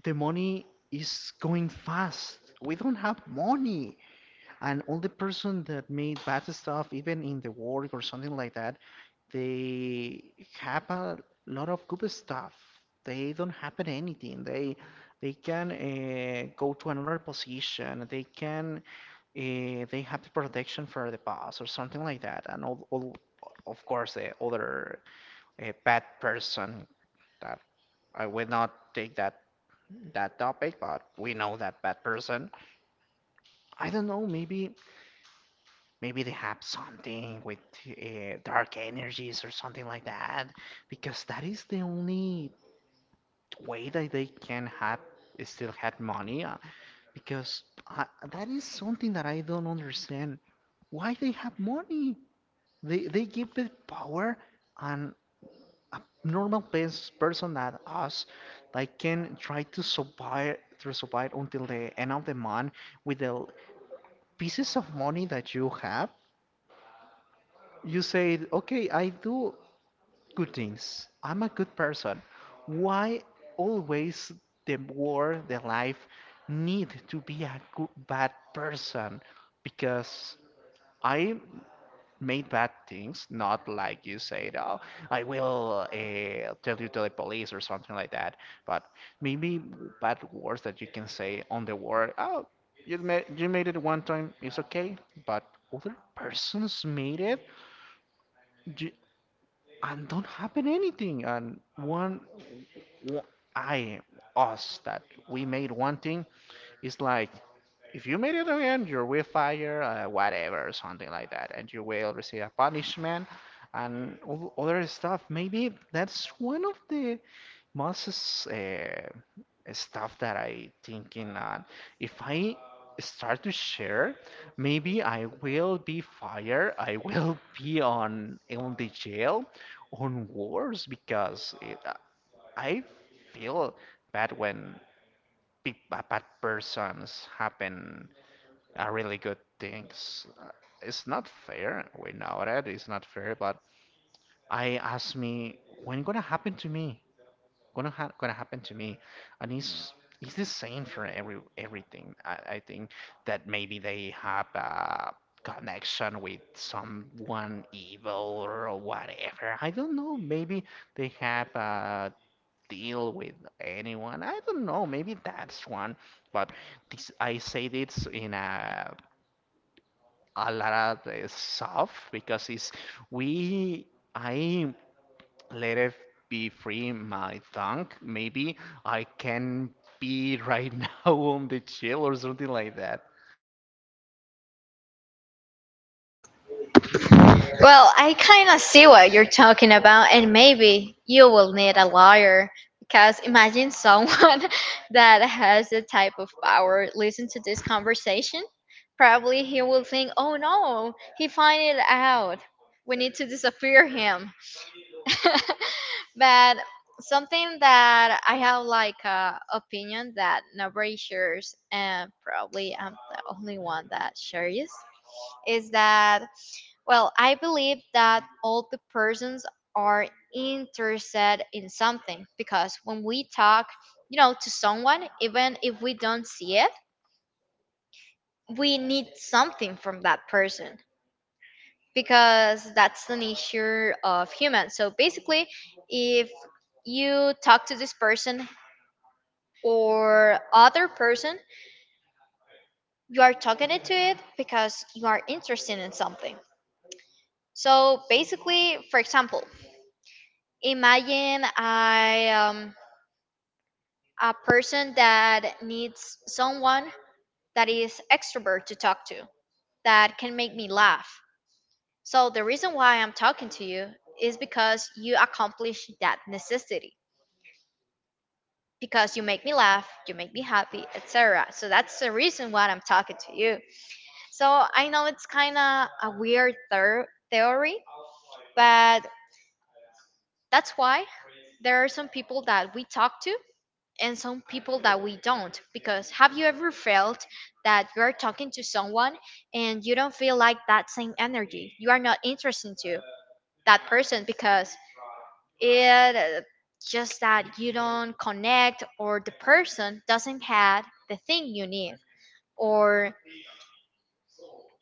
[SPEAKER 2] the money is going fast. We don't have money. And all the person that made bad stuff, even in the work or something like that, they have a lot of good stuff. They don't happen anything. They they can uh, go to another position. They can uh, they have the protection for the boss or something like that. And all, all of course the other uh, bad person that I will not take that that topic, but we know that bad person. I don't know, maybe Maybe they have something with uh, dark energies or something like that, because that is the only way that they can have still have money. uh, Because I, that is something that I don't understand. Why they have money? They they give the power, and a normal pers- person that us like can try to survive to survive until the end of the month with the pieces of money that you have, you say, okay, I do good things. I'm a good person. Why always the war, the life need to be a good, bad person? Because I made bad things, not like you said, oh, I will uh, tell you to the police or something like that. But maybe bad words that you can say on the word, oh, you made, you made it one time, it's okay, but other persons made it. Ju- and don't happen anything. And one, w- I, us, that we made one thing, it's like, if you made it again, you will fire, uh, whatever, something like that, and you will receive a punishment and all other stuff. Maybe that's one of the most uh, stuff that I thinking on. If I start to share, maybe I will be fired. I will [laughs] be on on the jail, on wars because it, uh, I feel bad when big, ba- bad persons happen uh, really good things. Uh, It's not fair. We know that it's not fair, but I ask me when gonna happen to me, gonna ha gonna happen to me, and it's it's the same for every everything. I, I think that maybe they have a connection with someone evil or whatever. I don't know. Maybe they have a deal with anyone. I don't know. Maybe that's one. But this I say this in a a lot of uh, soft because it's we. I let it be free my tongue. Maybe I can be right [laughs] now on the chill or something like that.
[SPEAKER 1] Well, I kind of see what you're talking about, and maybe you will need a lawyer. Because imagine someone [laughs] that has the type of power listen to this conversation. Probably he will think, oh no, he find it out. We need to disappear him. [laughs] But something that I have like a opinion that nobody shares, and probably I'm the only one that shares, is that, well, I believe that all the persons are interested in something because when we talk, you know, to someone, even if we don't see it, we need something from that person because that's the nature of humans. So basically, if you talk to this person or other person, you are talking it to it because you are interested in something. So basically, for example, imagine I um a person that needs someone that is extrovert to talk to that can make me laugh. So the reason why I'm talking to you is because you accomplish that necessity because you make me laugh, you make me happy, et cetera. So that's the reason why I'm talking to you. So I know it's kind of a weird ther- theory, but that's why there are some people that we talk to and some people that we don't. Because have you ever felt that you're talking to someone and you don't feel like that same energy? You are not interested to that person because It uh, just that you don't connect, or the person doesn't have the thing you need or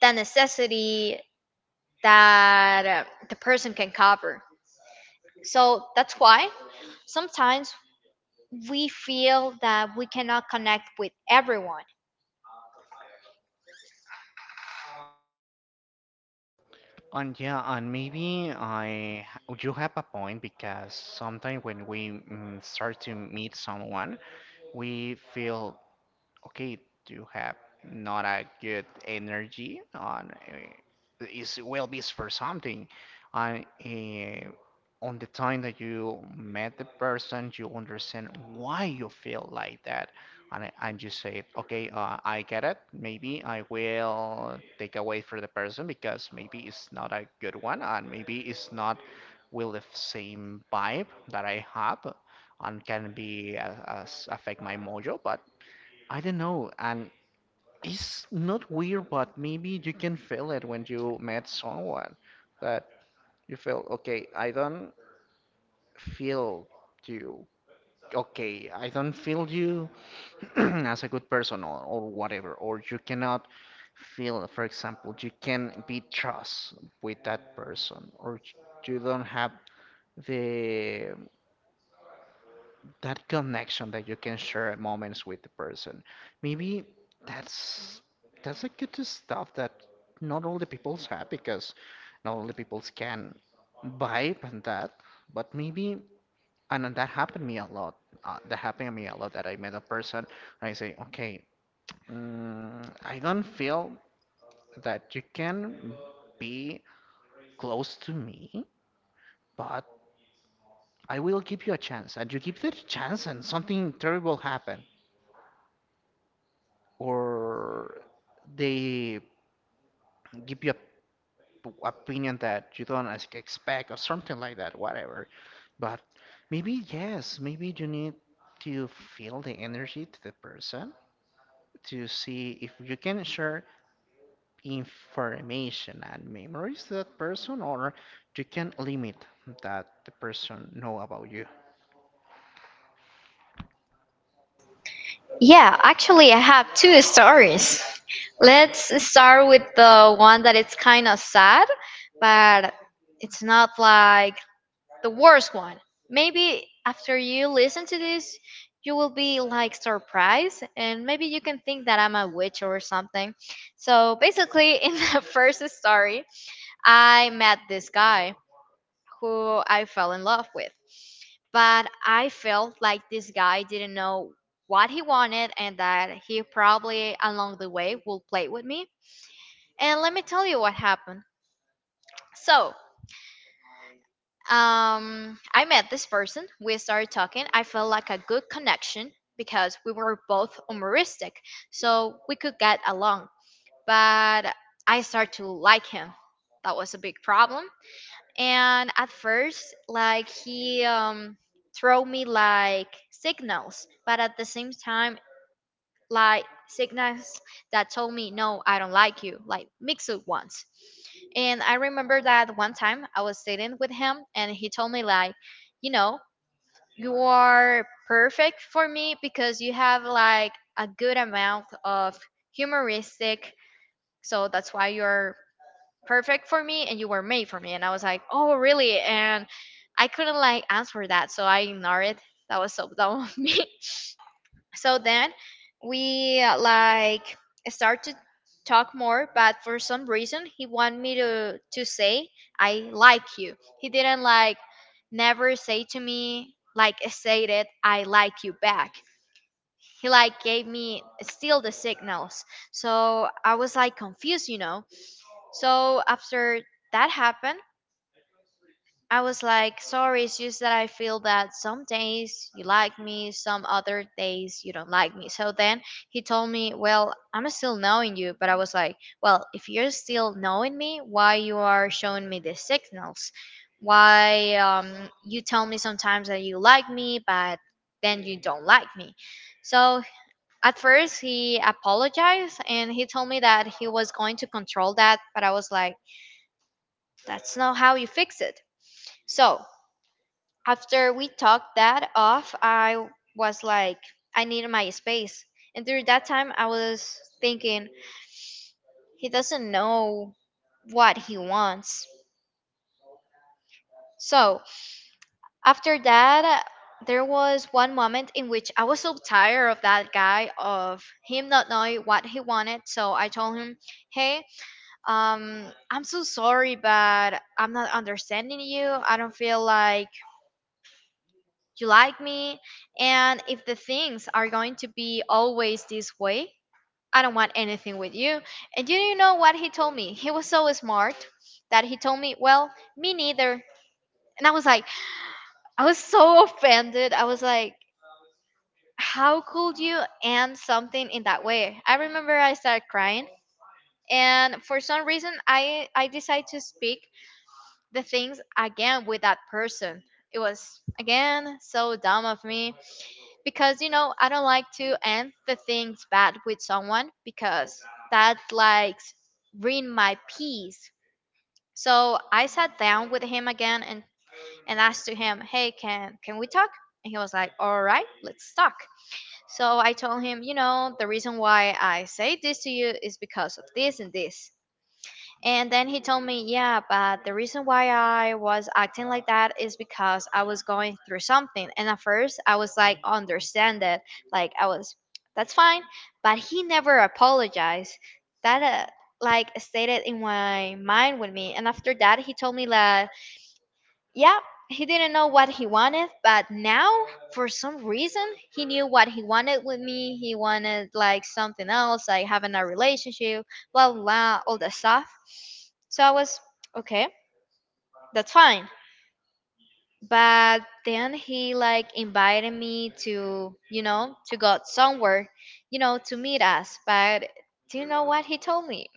[SPEAKER 1] the necessity that uh, the person can cover. So that's why sometimes we feel that we cannot connect with everyone.
[SPEAKER 2] And yeah, and maybe I you have a point because sometimes when we mm, start to meet someone, we feel okay, do you have not a good energy on uh, is well be for something on uh, on the time that you met the person, you understand why you feel like that, and and you say okay, uh, I get it. Maybe I will take away for the person because maybe it's not a good one, and maybe it's not will the same vibe that I have and can be uh, as affect my mojo. But I don't know, and it's not weird, but maybe you can feel it when you met someone that you feel, okay, I don't feel you. Okay, I don't feel you [clears throat] as a good person, or, or whatever, or you cannot feel, for example, you can be trust with that person, or you don't have the that connection that you can share moments with the person. Maybe that's that's a good stuff that not all the peoples have, because not all the peoples can vibe and that. But maybe and then that happened me a lot. Uh, that happened to me a lot that I met a person and I say, okay, mm, I don't feel that you can be close to me, but I will give you a chance, and you give that chance, and something terrible happen, or they give you a opinion that you don't ex- expect or something like that, whatever. But maybe yes, maybe you need to feel the energy to the person to see if you can share information and memories to that person, or you can limit that the person know about you.
[SPEAKER 1] Yeah, actually, I have two stories. Let's start with the one that it's kind of sad, but it's not like the worst one. Maybe after you listen to this, you will be like surprised, and maybe you can think that I'm a witch or something. So basically, [laughs] in the first story, I met this guy who I fell in love with. But I felt like this guy didn't know what he wanted and that he probably along the way will play with me. And let me tell you what happened. So, um, I met this person. We started talking. I felt like a good connection because we were both humoristic, so we could get along. But I started to like him. That was a big problem. And at first, like he um, throw me like signals, but at the same time, like signals that told me, no, I don't like you, like mixed ones. And I remember that one time I was sitting with him and he told me, like, you know, you are perfect for me because you have like a good amount of humoristic. So that's why you're perfect for me and you were made for me. And I was like, oh, really? And I couldn't like answer that. So I ignored it. That was so dumb of me. [laughs] So then we uh, like start to talk more, but for some reason he wanted me to to say I like you. He didn't like never say to me, like, stated I like you back. He like gave me still the signals, so I was like confused, you know so after that happened, I was like, sorry, it's just that I feel that some days you like me, some other days you don't like me. So then he told me, well, I'm still knowing you. But I was like, well, if you're still knowing me, why you are showing me the signals? Why um, you tell me sometimes that you like me, but then you don't like me? So at first he apologized and he told me that he was going to control that. But I was like, that's not how you fix it. So after we talked that off, I was like, I needed my space. And during that time, I was thinking, he doesn't know what he wants. So after that, there was one moment in which I was so tired of that guy, of him not knowing what he wanted. So I told him, hey, um, I'm so sorry, but I'm not understanding you. I don't feel like you like me, and if the things are going to be always this way, I don't want anything with you. And you do know what he told me? He was so smart that he told me, well, me neither. And I was like, I was so offended. I was like, how could you end something in that way? I remember I started crying. And for some reason, i i decided to speak the things again with that person. It was again so dumb of me because, you know I don't like to end the things bad with someone because that like ruin my peace. So I sat down with him again and and asked to him, hey, can can we talk? And he was like, all right, let's talk. So I told him, "You know, the reason why I say this to you is because of this and this. And then he told me, yeah, but the reason why I was acting like that is because I was going through something. And at first, I was like, understand it. Like, I was, that's fine. But he never apologized. That, uh, like, stayed it in my mind with me. And after that, he told me, like, yeah, he didn't know what he wanted, but now, for some reason, he knew what he wanted with me. He wanted like something else, like having a relationship, blah, blah, blah, all that stuff. So I was okay, that's fine. But then he like invited me to, you know, to go somewhere, you know, to meet us. But do you know what he told me?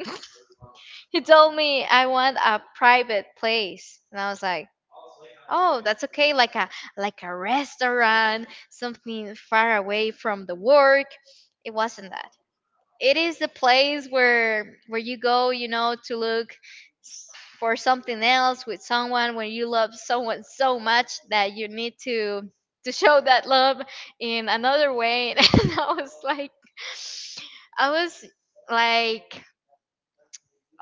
[SPEAKER 1] [laughs] He told me, I want a private place. And I was like, oh, that's okay. Like a like a restaurant, something far away from the work. It wasn't that. It is the place where where you go, you know, to look s- for something else with someone when you love someone so much that you need to to show that love in another way. [laughs] And I was like, I was like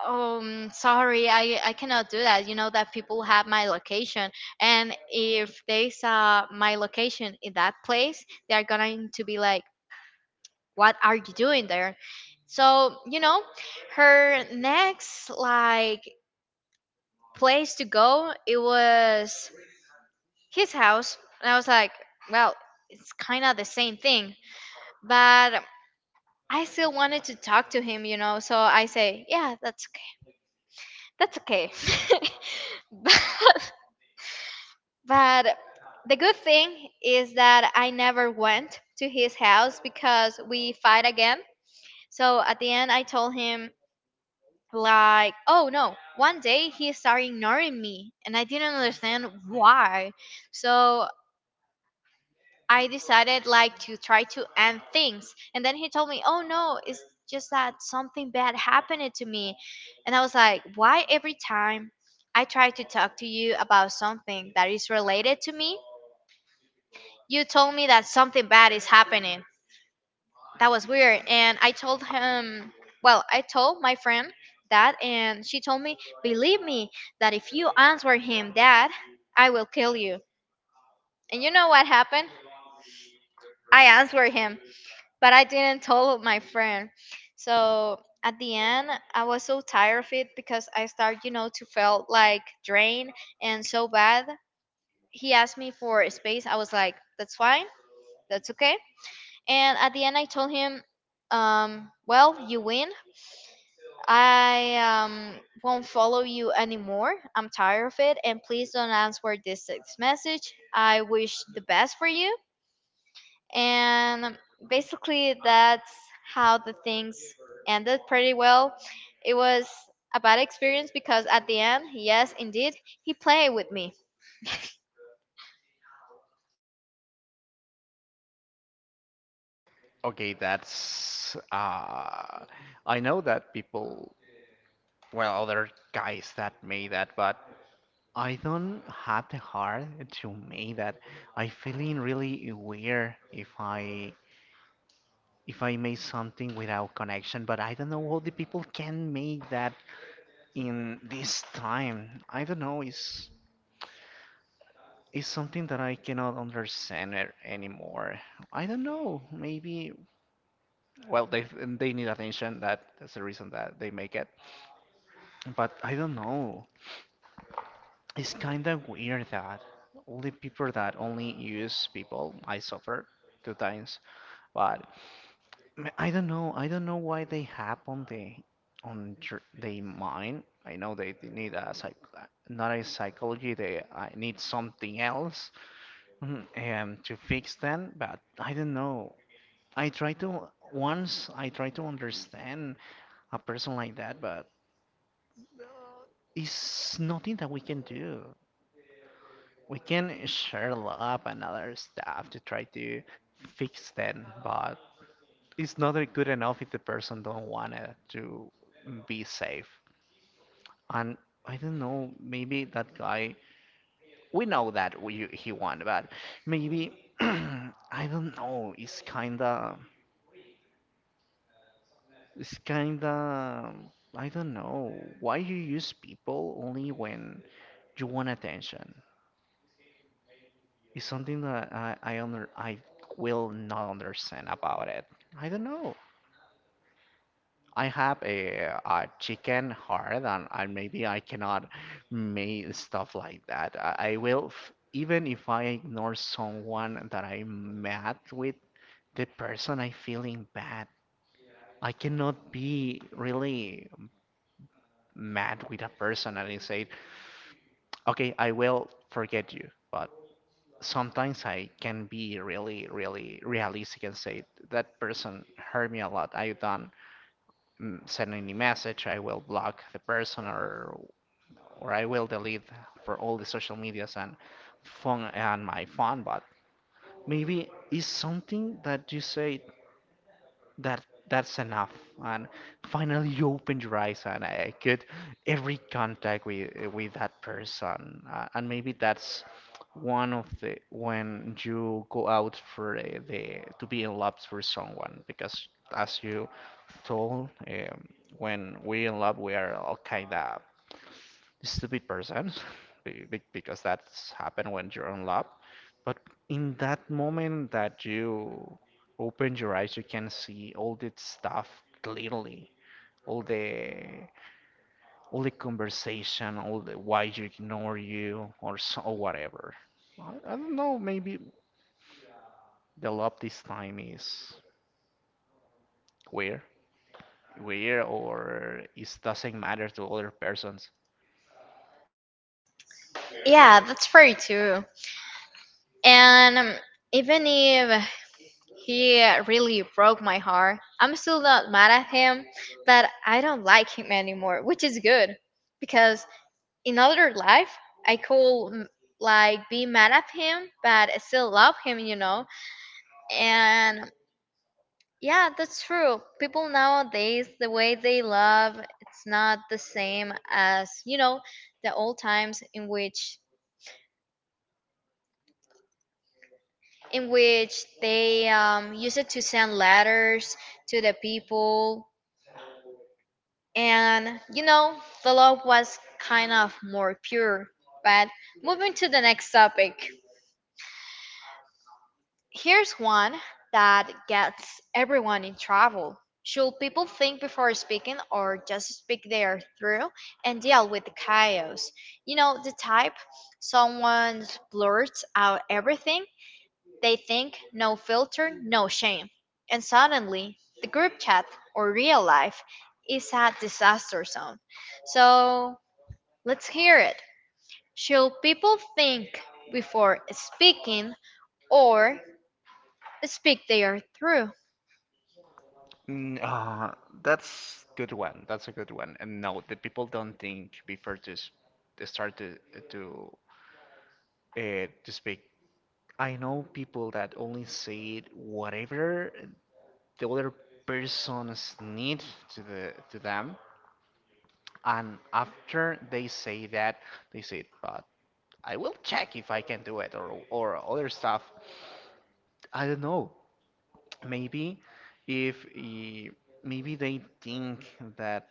[SPEAKER 1] um sorry, i i cannot do that. You know that people have my location, and if they saw my location in that place, they're going to be like, what are you doing there? So, you know her next like place to go, it was his house. And I was like, well, it's kind of the same thing, but I still wanted to talk to him, you know so I say, yeah, that's okay, that's okay. [laughs] But But the good thing is that I never went to his house because we fight again. So at the end, I told him, like, oh no, one day he started ignoring me and I didn't understand why. So I decided, like, to try to end things. And then he told me, oh no, it's just that something bad happened to me. And I was like, why every time I try to talk to you about something that is related to me, you told me that something bad is happening? That was weird. And I told him, well, I told my friend that, and she told me, believe me, that if you answer him that, I will kill you. And you know what happened? I answered him, but I didn't tell my friend. So at the end, I was so tired of it because I started, you know, to feel like drained and so bad. He asked me for a space. I was like, that's fine. That's okay. And at the end, I told him, um, well, you win. I um, won't follow you anymore. I'm tired of it. And please don't answer this text message. I wish the best for you. And basically, that's how the things ended pretty well. It was a bad experience because at the end, yes, indeed, he played with me.
[SPEAKER 2] Okay, that's uh I know that people, well, other guys that made that, but I don't have the heart to make that. I feeling really weird if I if I make something without connection, but I don't know how the people can make that in this time. I don't know. It's it's something that I cannot understand it anymore. I don't know. Maybe, well, they they need attention. That that's the reason that they make it. But I don't know. It's kind of weird that only people that only use people, I suffer two times, but m- I don't know. I don't know why they have on the on their mind. I know they d- need a psych, not a psychology. They I need something else mhm, um to fix them. But I don't know. I try to once I try to understand a person like that, but it's nothing that we can do. We can share up another other stuff to try to fix them, but it's not good enough if the person don't want it to be safe. And I don't know, maybe that guy, we know that we, he won, but maybe, [clears throat] I don't know, it's kinda, it's kinda, I don't know, why you use people only when you want attention. It's something that I I under I will not understand about it. I don't know. I have a, a chicken heart, and I, maybe I cannot make stuff like that. I, I will, f- even if I ignore someone that I'm mad with, the person I feeling bad. I cannot be really mad with a person and say, okay, I will forget you, but sometimes I can be really, really realistic and say that person hurt me a lot. I don't mm, send any message. I will block the person, or or I will delete for all the social medias and phone and my phone. But maybe it's something that you say that that's enough, and finally you opened your eyes and I could every contact with with that person, uh, and maybe that's one of the when you go out for the, the to be in love for someone, because as you told, um, when we in love, we are all kind of stupid person [laughs] be- be- because that's happened when you're in love. But in that moment that you open your eyes, you can see all that stuff clearly. All the all the conversation, all the why you ignore you or so, or whatever. I, I don't know. Maybe the love this time is weird, weird, or it doesn't matter to other persons.
[SPEAKER 1] Yeah, that's fair too. And um, even if he really broke my heart, I'm still not mad at him, but I don't like him anymore, which is good because in other life I could mm, like be mad at him, but I still love him, you know. And yeah, that's true. People nowadays, the way they love, it's not the same as you know the old times in which in which they um, used it to send letters to the people. And you know, the love was kind of more pure. But moving to the next topic, here's one that gets everyone in trouble. Should people think before speaking or just speak their through and deal with the chaos? You know, the type someone blurts out everything they think, no filter, no shame. And suddenly, the group chat or real life is a disaster zone. So, let's hear it. Should people think before speaking or speak their through?
[SPEAKER 2] Mm, uh, that's good one. That's a good one. And no, the people don't think before to s- to start to to uh, to speak. I know people that only say whatever the other person's need to the to them, and after they say that, they say, "But I will check if I can do it," or or other stuff. I don't know. Maybe if eh, maybe they think that.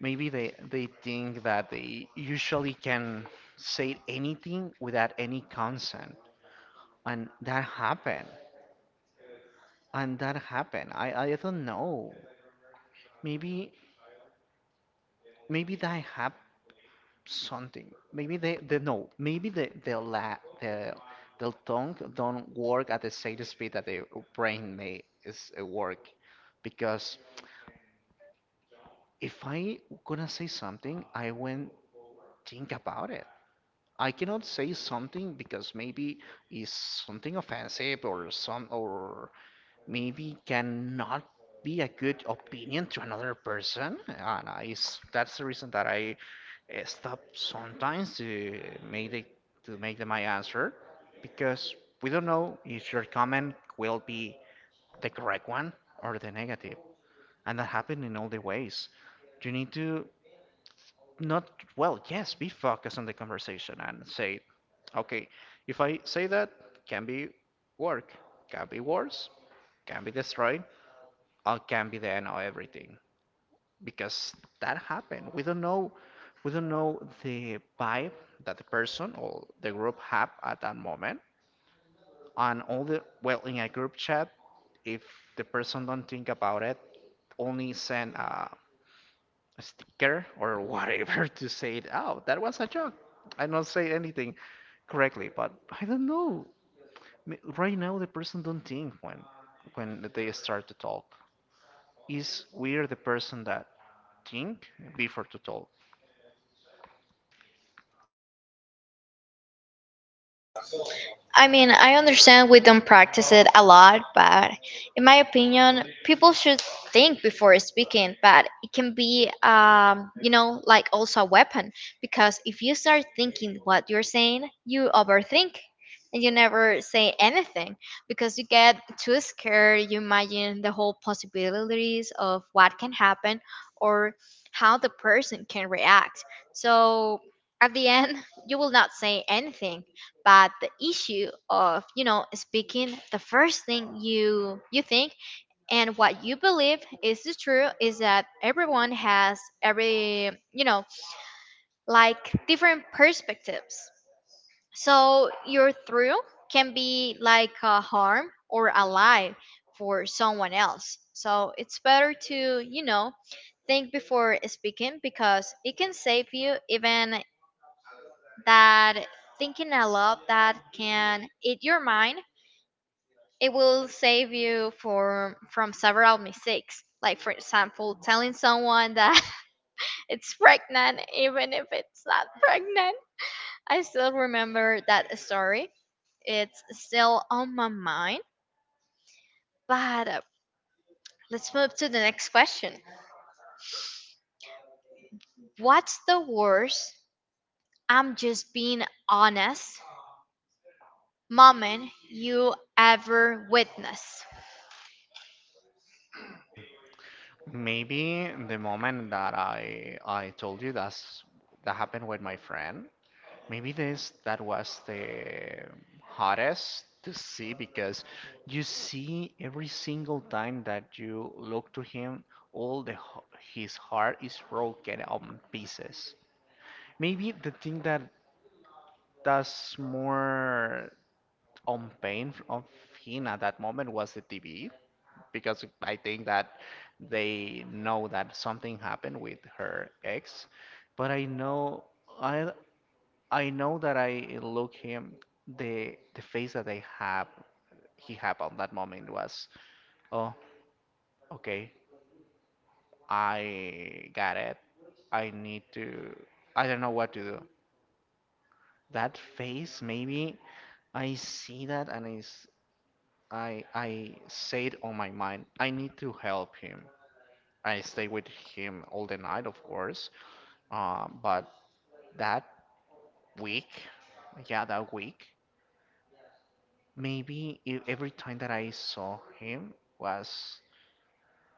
[SPEAKER 2] Maybe they they think that they usually can say anything without any consent, and that happened, and that happened. I I don't know. Maybe maybe they have something. Maybe they they no. Maybe the the la the the tongue don't work at the same speed that the brain may is uh, work, because if I gonna say something, I won't think about it. I cannot say something because maybe is something offensive, or some or maybe cannot be a good opinion to another person. And I s that's the reason that I uh, stop sometimes to make the, to make the, my answer, because we don't know if your comment will be the correct one or the negative, and that happened in all the ways. You need to, not well yes, be focused on the conversation and say okay, if I say that, can be work, can be worse, can be destroyed, or can be the end of everything. Because that happened, we don't know we don't know the vibe that the person or the group have at that moment, and all the, well, in a group chat, if the person don't think about it, only send a sticker or whatever [laughs] to say it out. That was a joke. I do not say anything correctly, but I don't know. M- Right now, the person don't think when when they start to talk. Is we're the person that think before to talk.
[SPEAKER 1] I mean, I understand we don't practice it a lot, but in my opinion, people should think before speaking. But it can be, um, you know, like also a weapon because if you start thinking what you're saying, you overthink and you never say anything because you get too scared. You imagine the whole possibilities of what can happen or how the person can react. So at the end, [laughs] you will not say anything. But the issue of you know speaking the first thing you you think and what you believe is the truth is that everyone has every you know like different perspectives, so your truth can be like a harm or a lie for someone else. So it's better to you know think before speaking because it can save you. Even that thinking a lot, that can eat your mind, it will save you for from several mistakes, like for example telling someone that [laughs] it's pregnant even if it's not pregnant. I still remember that story. It's still on my mind. But uh, let's move to the next question. What's the worst I'm just being honest moment you ever witnessed?
[SPEAKER 2] Maybe the moment that I I told you, that's that happened with my friend. Maybe this that was the hardest to see, because you see every single time that you look to him, all the h- his heart is broken on pieces. Maybe the thing that does more on pain f- of him at that moment was the T V, because I think that they know that something happened with her ex. But I know I I know that I look him, the the face that they have he had on that moment was, oh okay, I got it, I need to, I don't know what to do, that face. Maybe I see that, and it's I I say it on my mind, I need to help him. I stay with him all the night, of course. Um, but that week, yeah, that week, maybe e- every time that I saw him was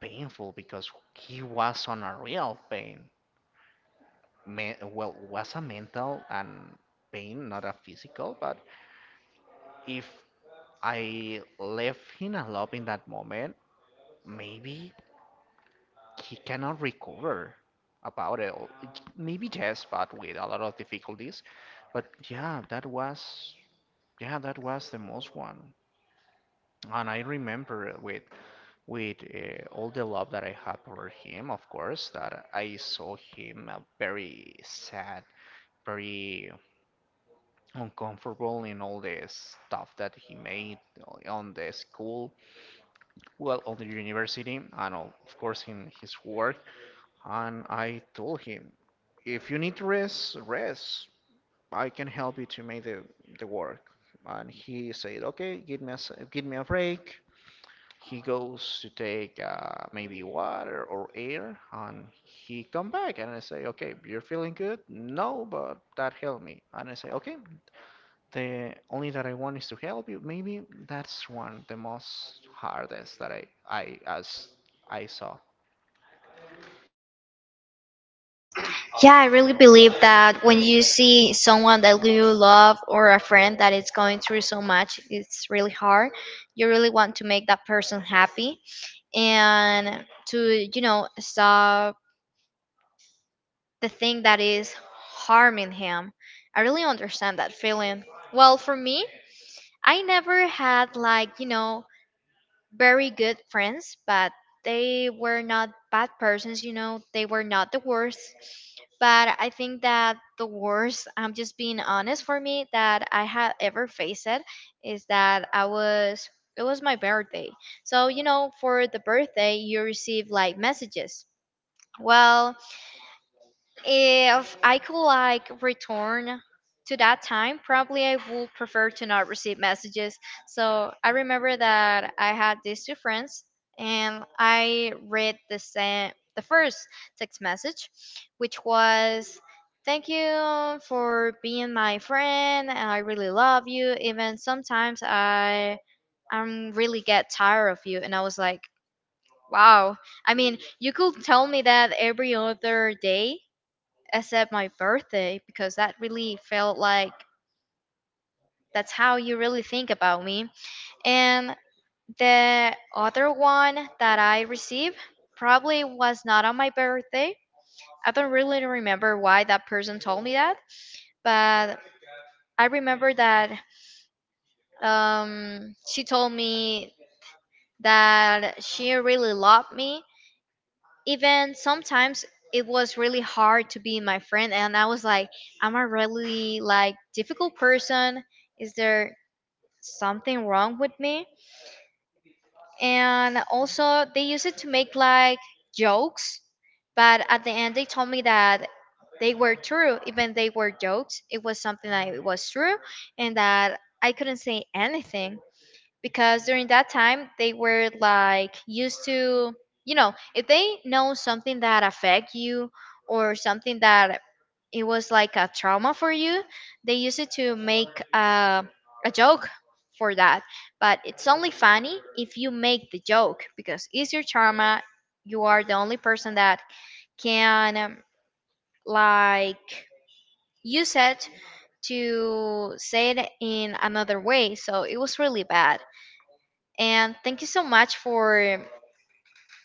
[SPEAKER 2] painful because he was on a real pain. Me, well, was a mental and pain, not a physical. But if I left him alone in that moment, maybe he cannot recover about it. or- Maybe yes, but with a lot of difficulties. But yeah, that was, yeah, that was the most one. And I remember with with uh, all the love that I had for him, of course, that I saw him uh, very sad, very uncomfortable in all the stuff that he made on the school, well, on the university, and all, of course, in his work. And I told him, if you need to rest, rest. I can help you to make the, the work. And he said, okay, give me a give me a break. He goes to take uh, maybe water or air, and he come back. And I say, okay, you're feeling good? No, but that helped me. And I say, okay, the only that I want is to help you. Maybe that's one the most hardest that I I as I saw.
[SPEAKER 1] Yeah, I really believe that when you see someone that you love or a friend that is going through so much, it's really hard. You really want to make that person happy and to, you know, stop the thing that is harming him. I really understand that feeling. Well, for me, I never had like, you know, very good friends, but they were not bad persons, you know, they were not the worst. But I think that the worst, I'm just being honest, for me, that I have ever faced it is that I was, it was my birthday. So, you know, for the birthday, you receive like messages. Well, if I could like return to that time, probably I would prefer to not receive messages. So I remember that I had these two friends and I read the same the first text message, which was, thank you for being my friend and I really love you. Even sometimes I I'm really get tired of you. And I was like, wow. I mean, you could tell me that every other day except my birthday, because that really felt like that's how you really think about me. And the other one that I received probably was not on my birthday. I don't really remember why that person told me that, but I remember that um, she told me that she really loved me. Even sometimes it was really hard to be my friend, and I was like, "Am I really like difficult person? Is there something wrong with me?" And also, they use it to make like jokes, but at the end, they told me that they were true, even they were jokes. It was something that it was true, and that I couldn't say anything, because during that time they were like used to you know, if they know something that affect you or something that it was like a trauma for you, they used it to make uh, a joke for that. But it's only funny if you make the joke, because it's your trauma. You are the only person that can um, like use it to say it in another way. So it was really bad. And thank you so much for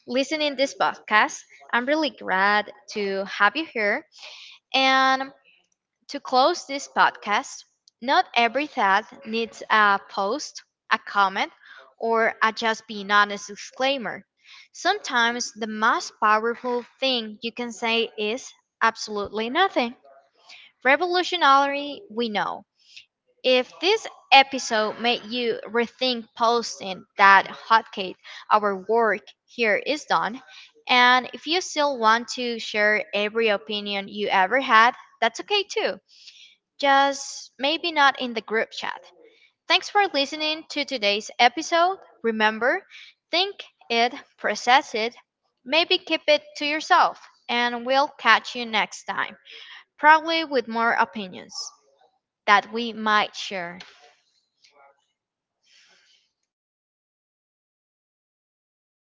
[SPEAKER 1] listening this podcast. I'm really glad to have you here. And to close this podcast, not every thought needs a post, a comment, or a just being honest disclaimer. Sometimes the most powerful thing you can say is absolutely nothing. Revolutionary, we know. If this episode made you rethink posting that hotkey, our work here is done. And if you still want to share every opinion you ever had, that's okay too. Just maybe not in the group chat. Thanks for listening to today's episode. Remember, think it, process it, maybe keep it to yourself, and we'll catch you next time, probably with more opinions that we might share.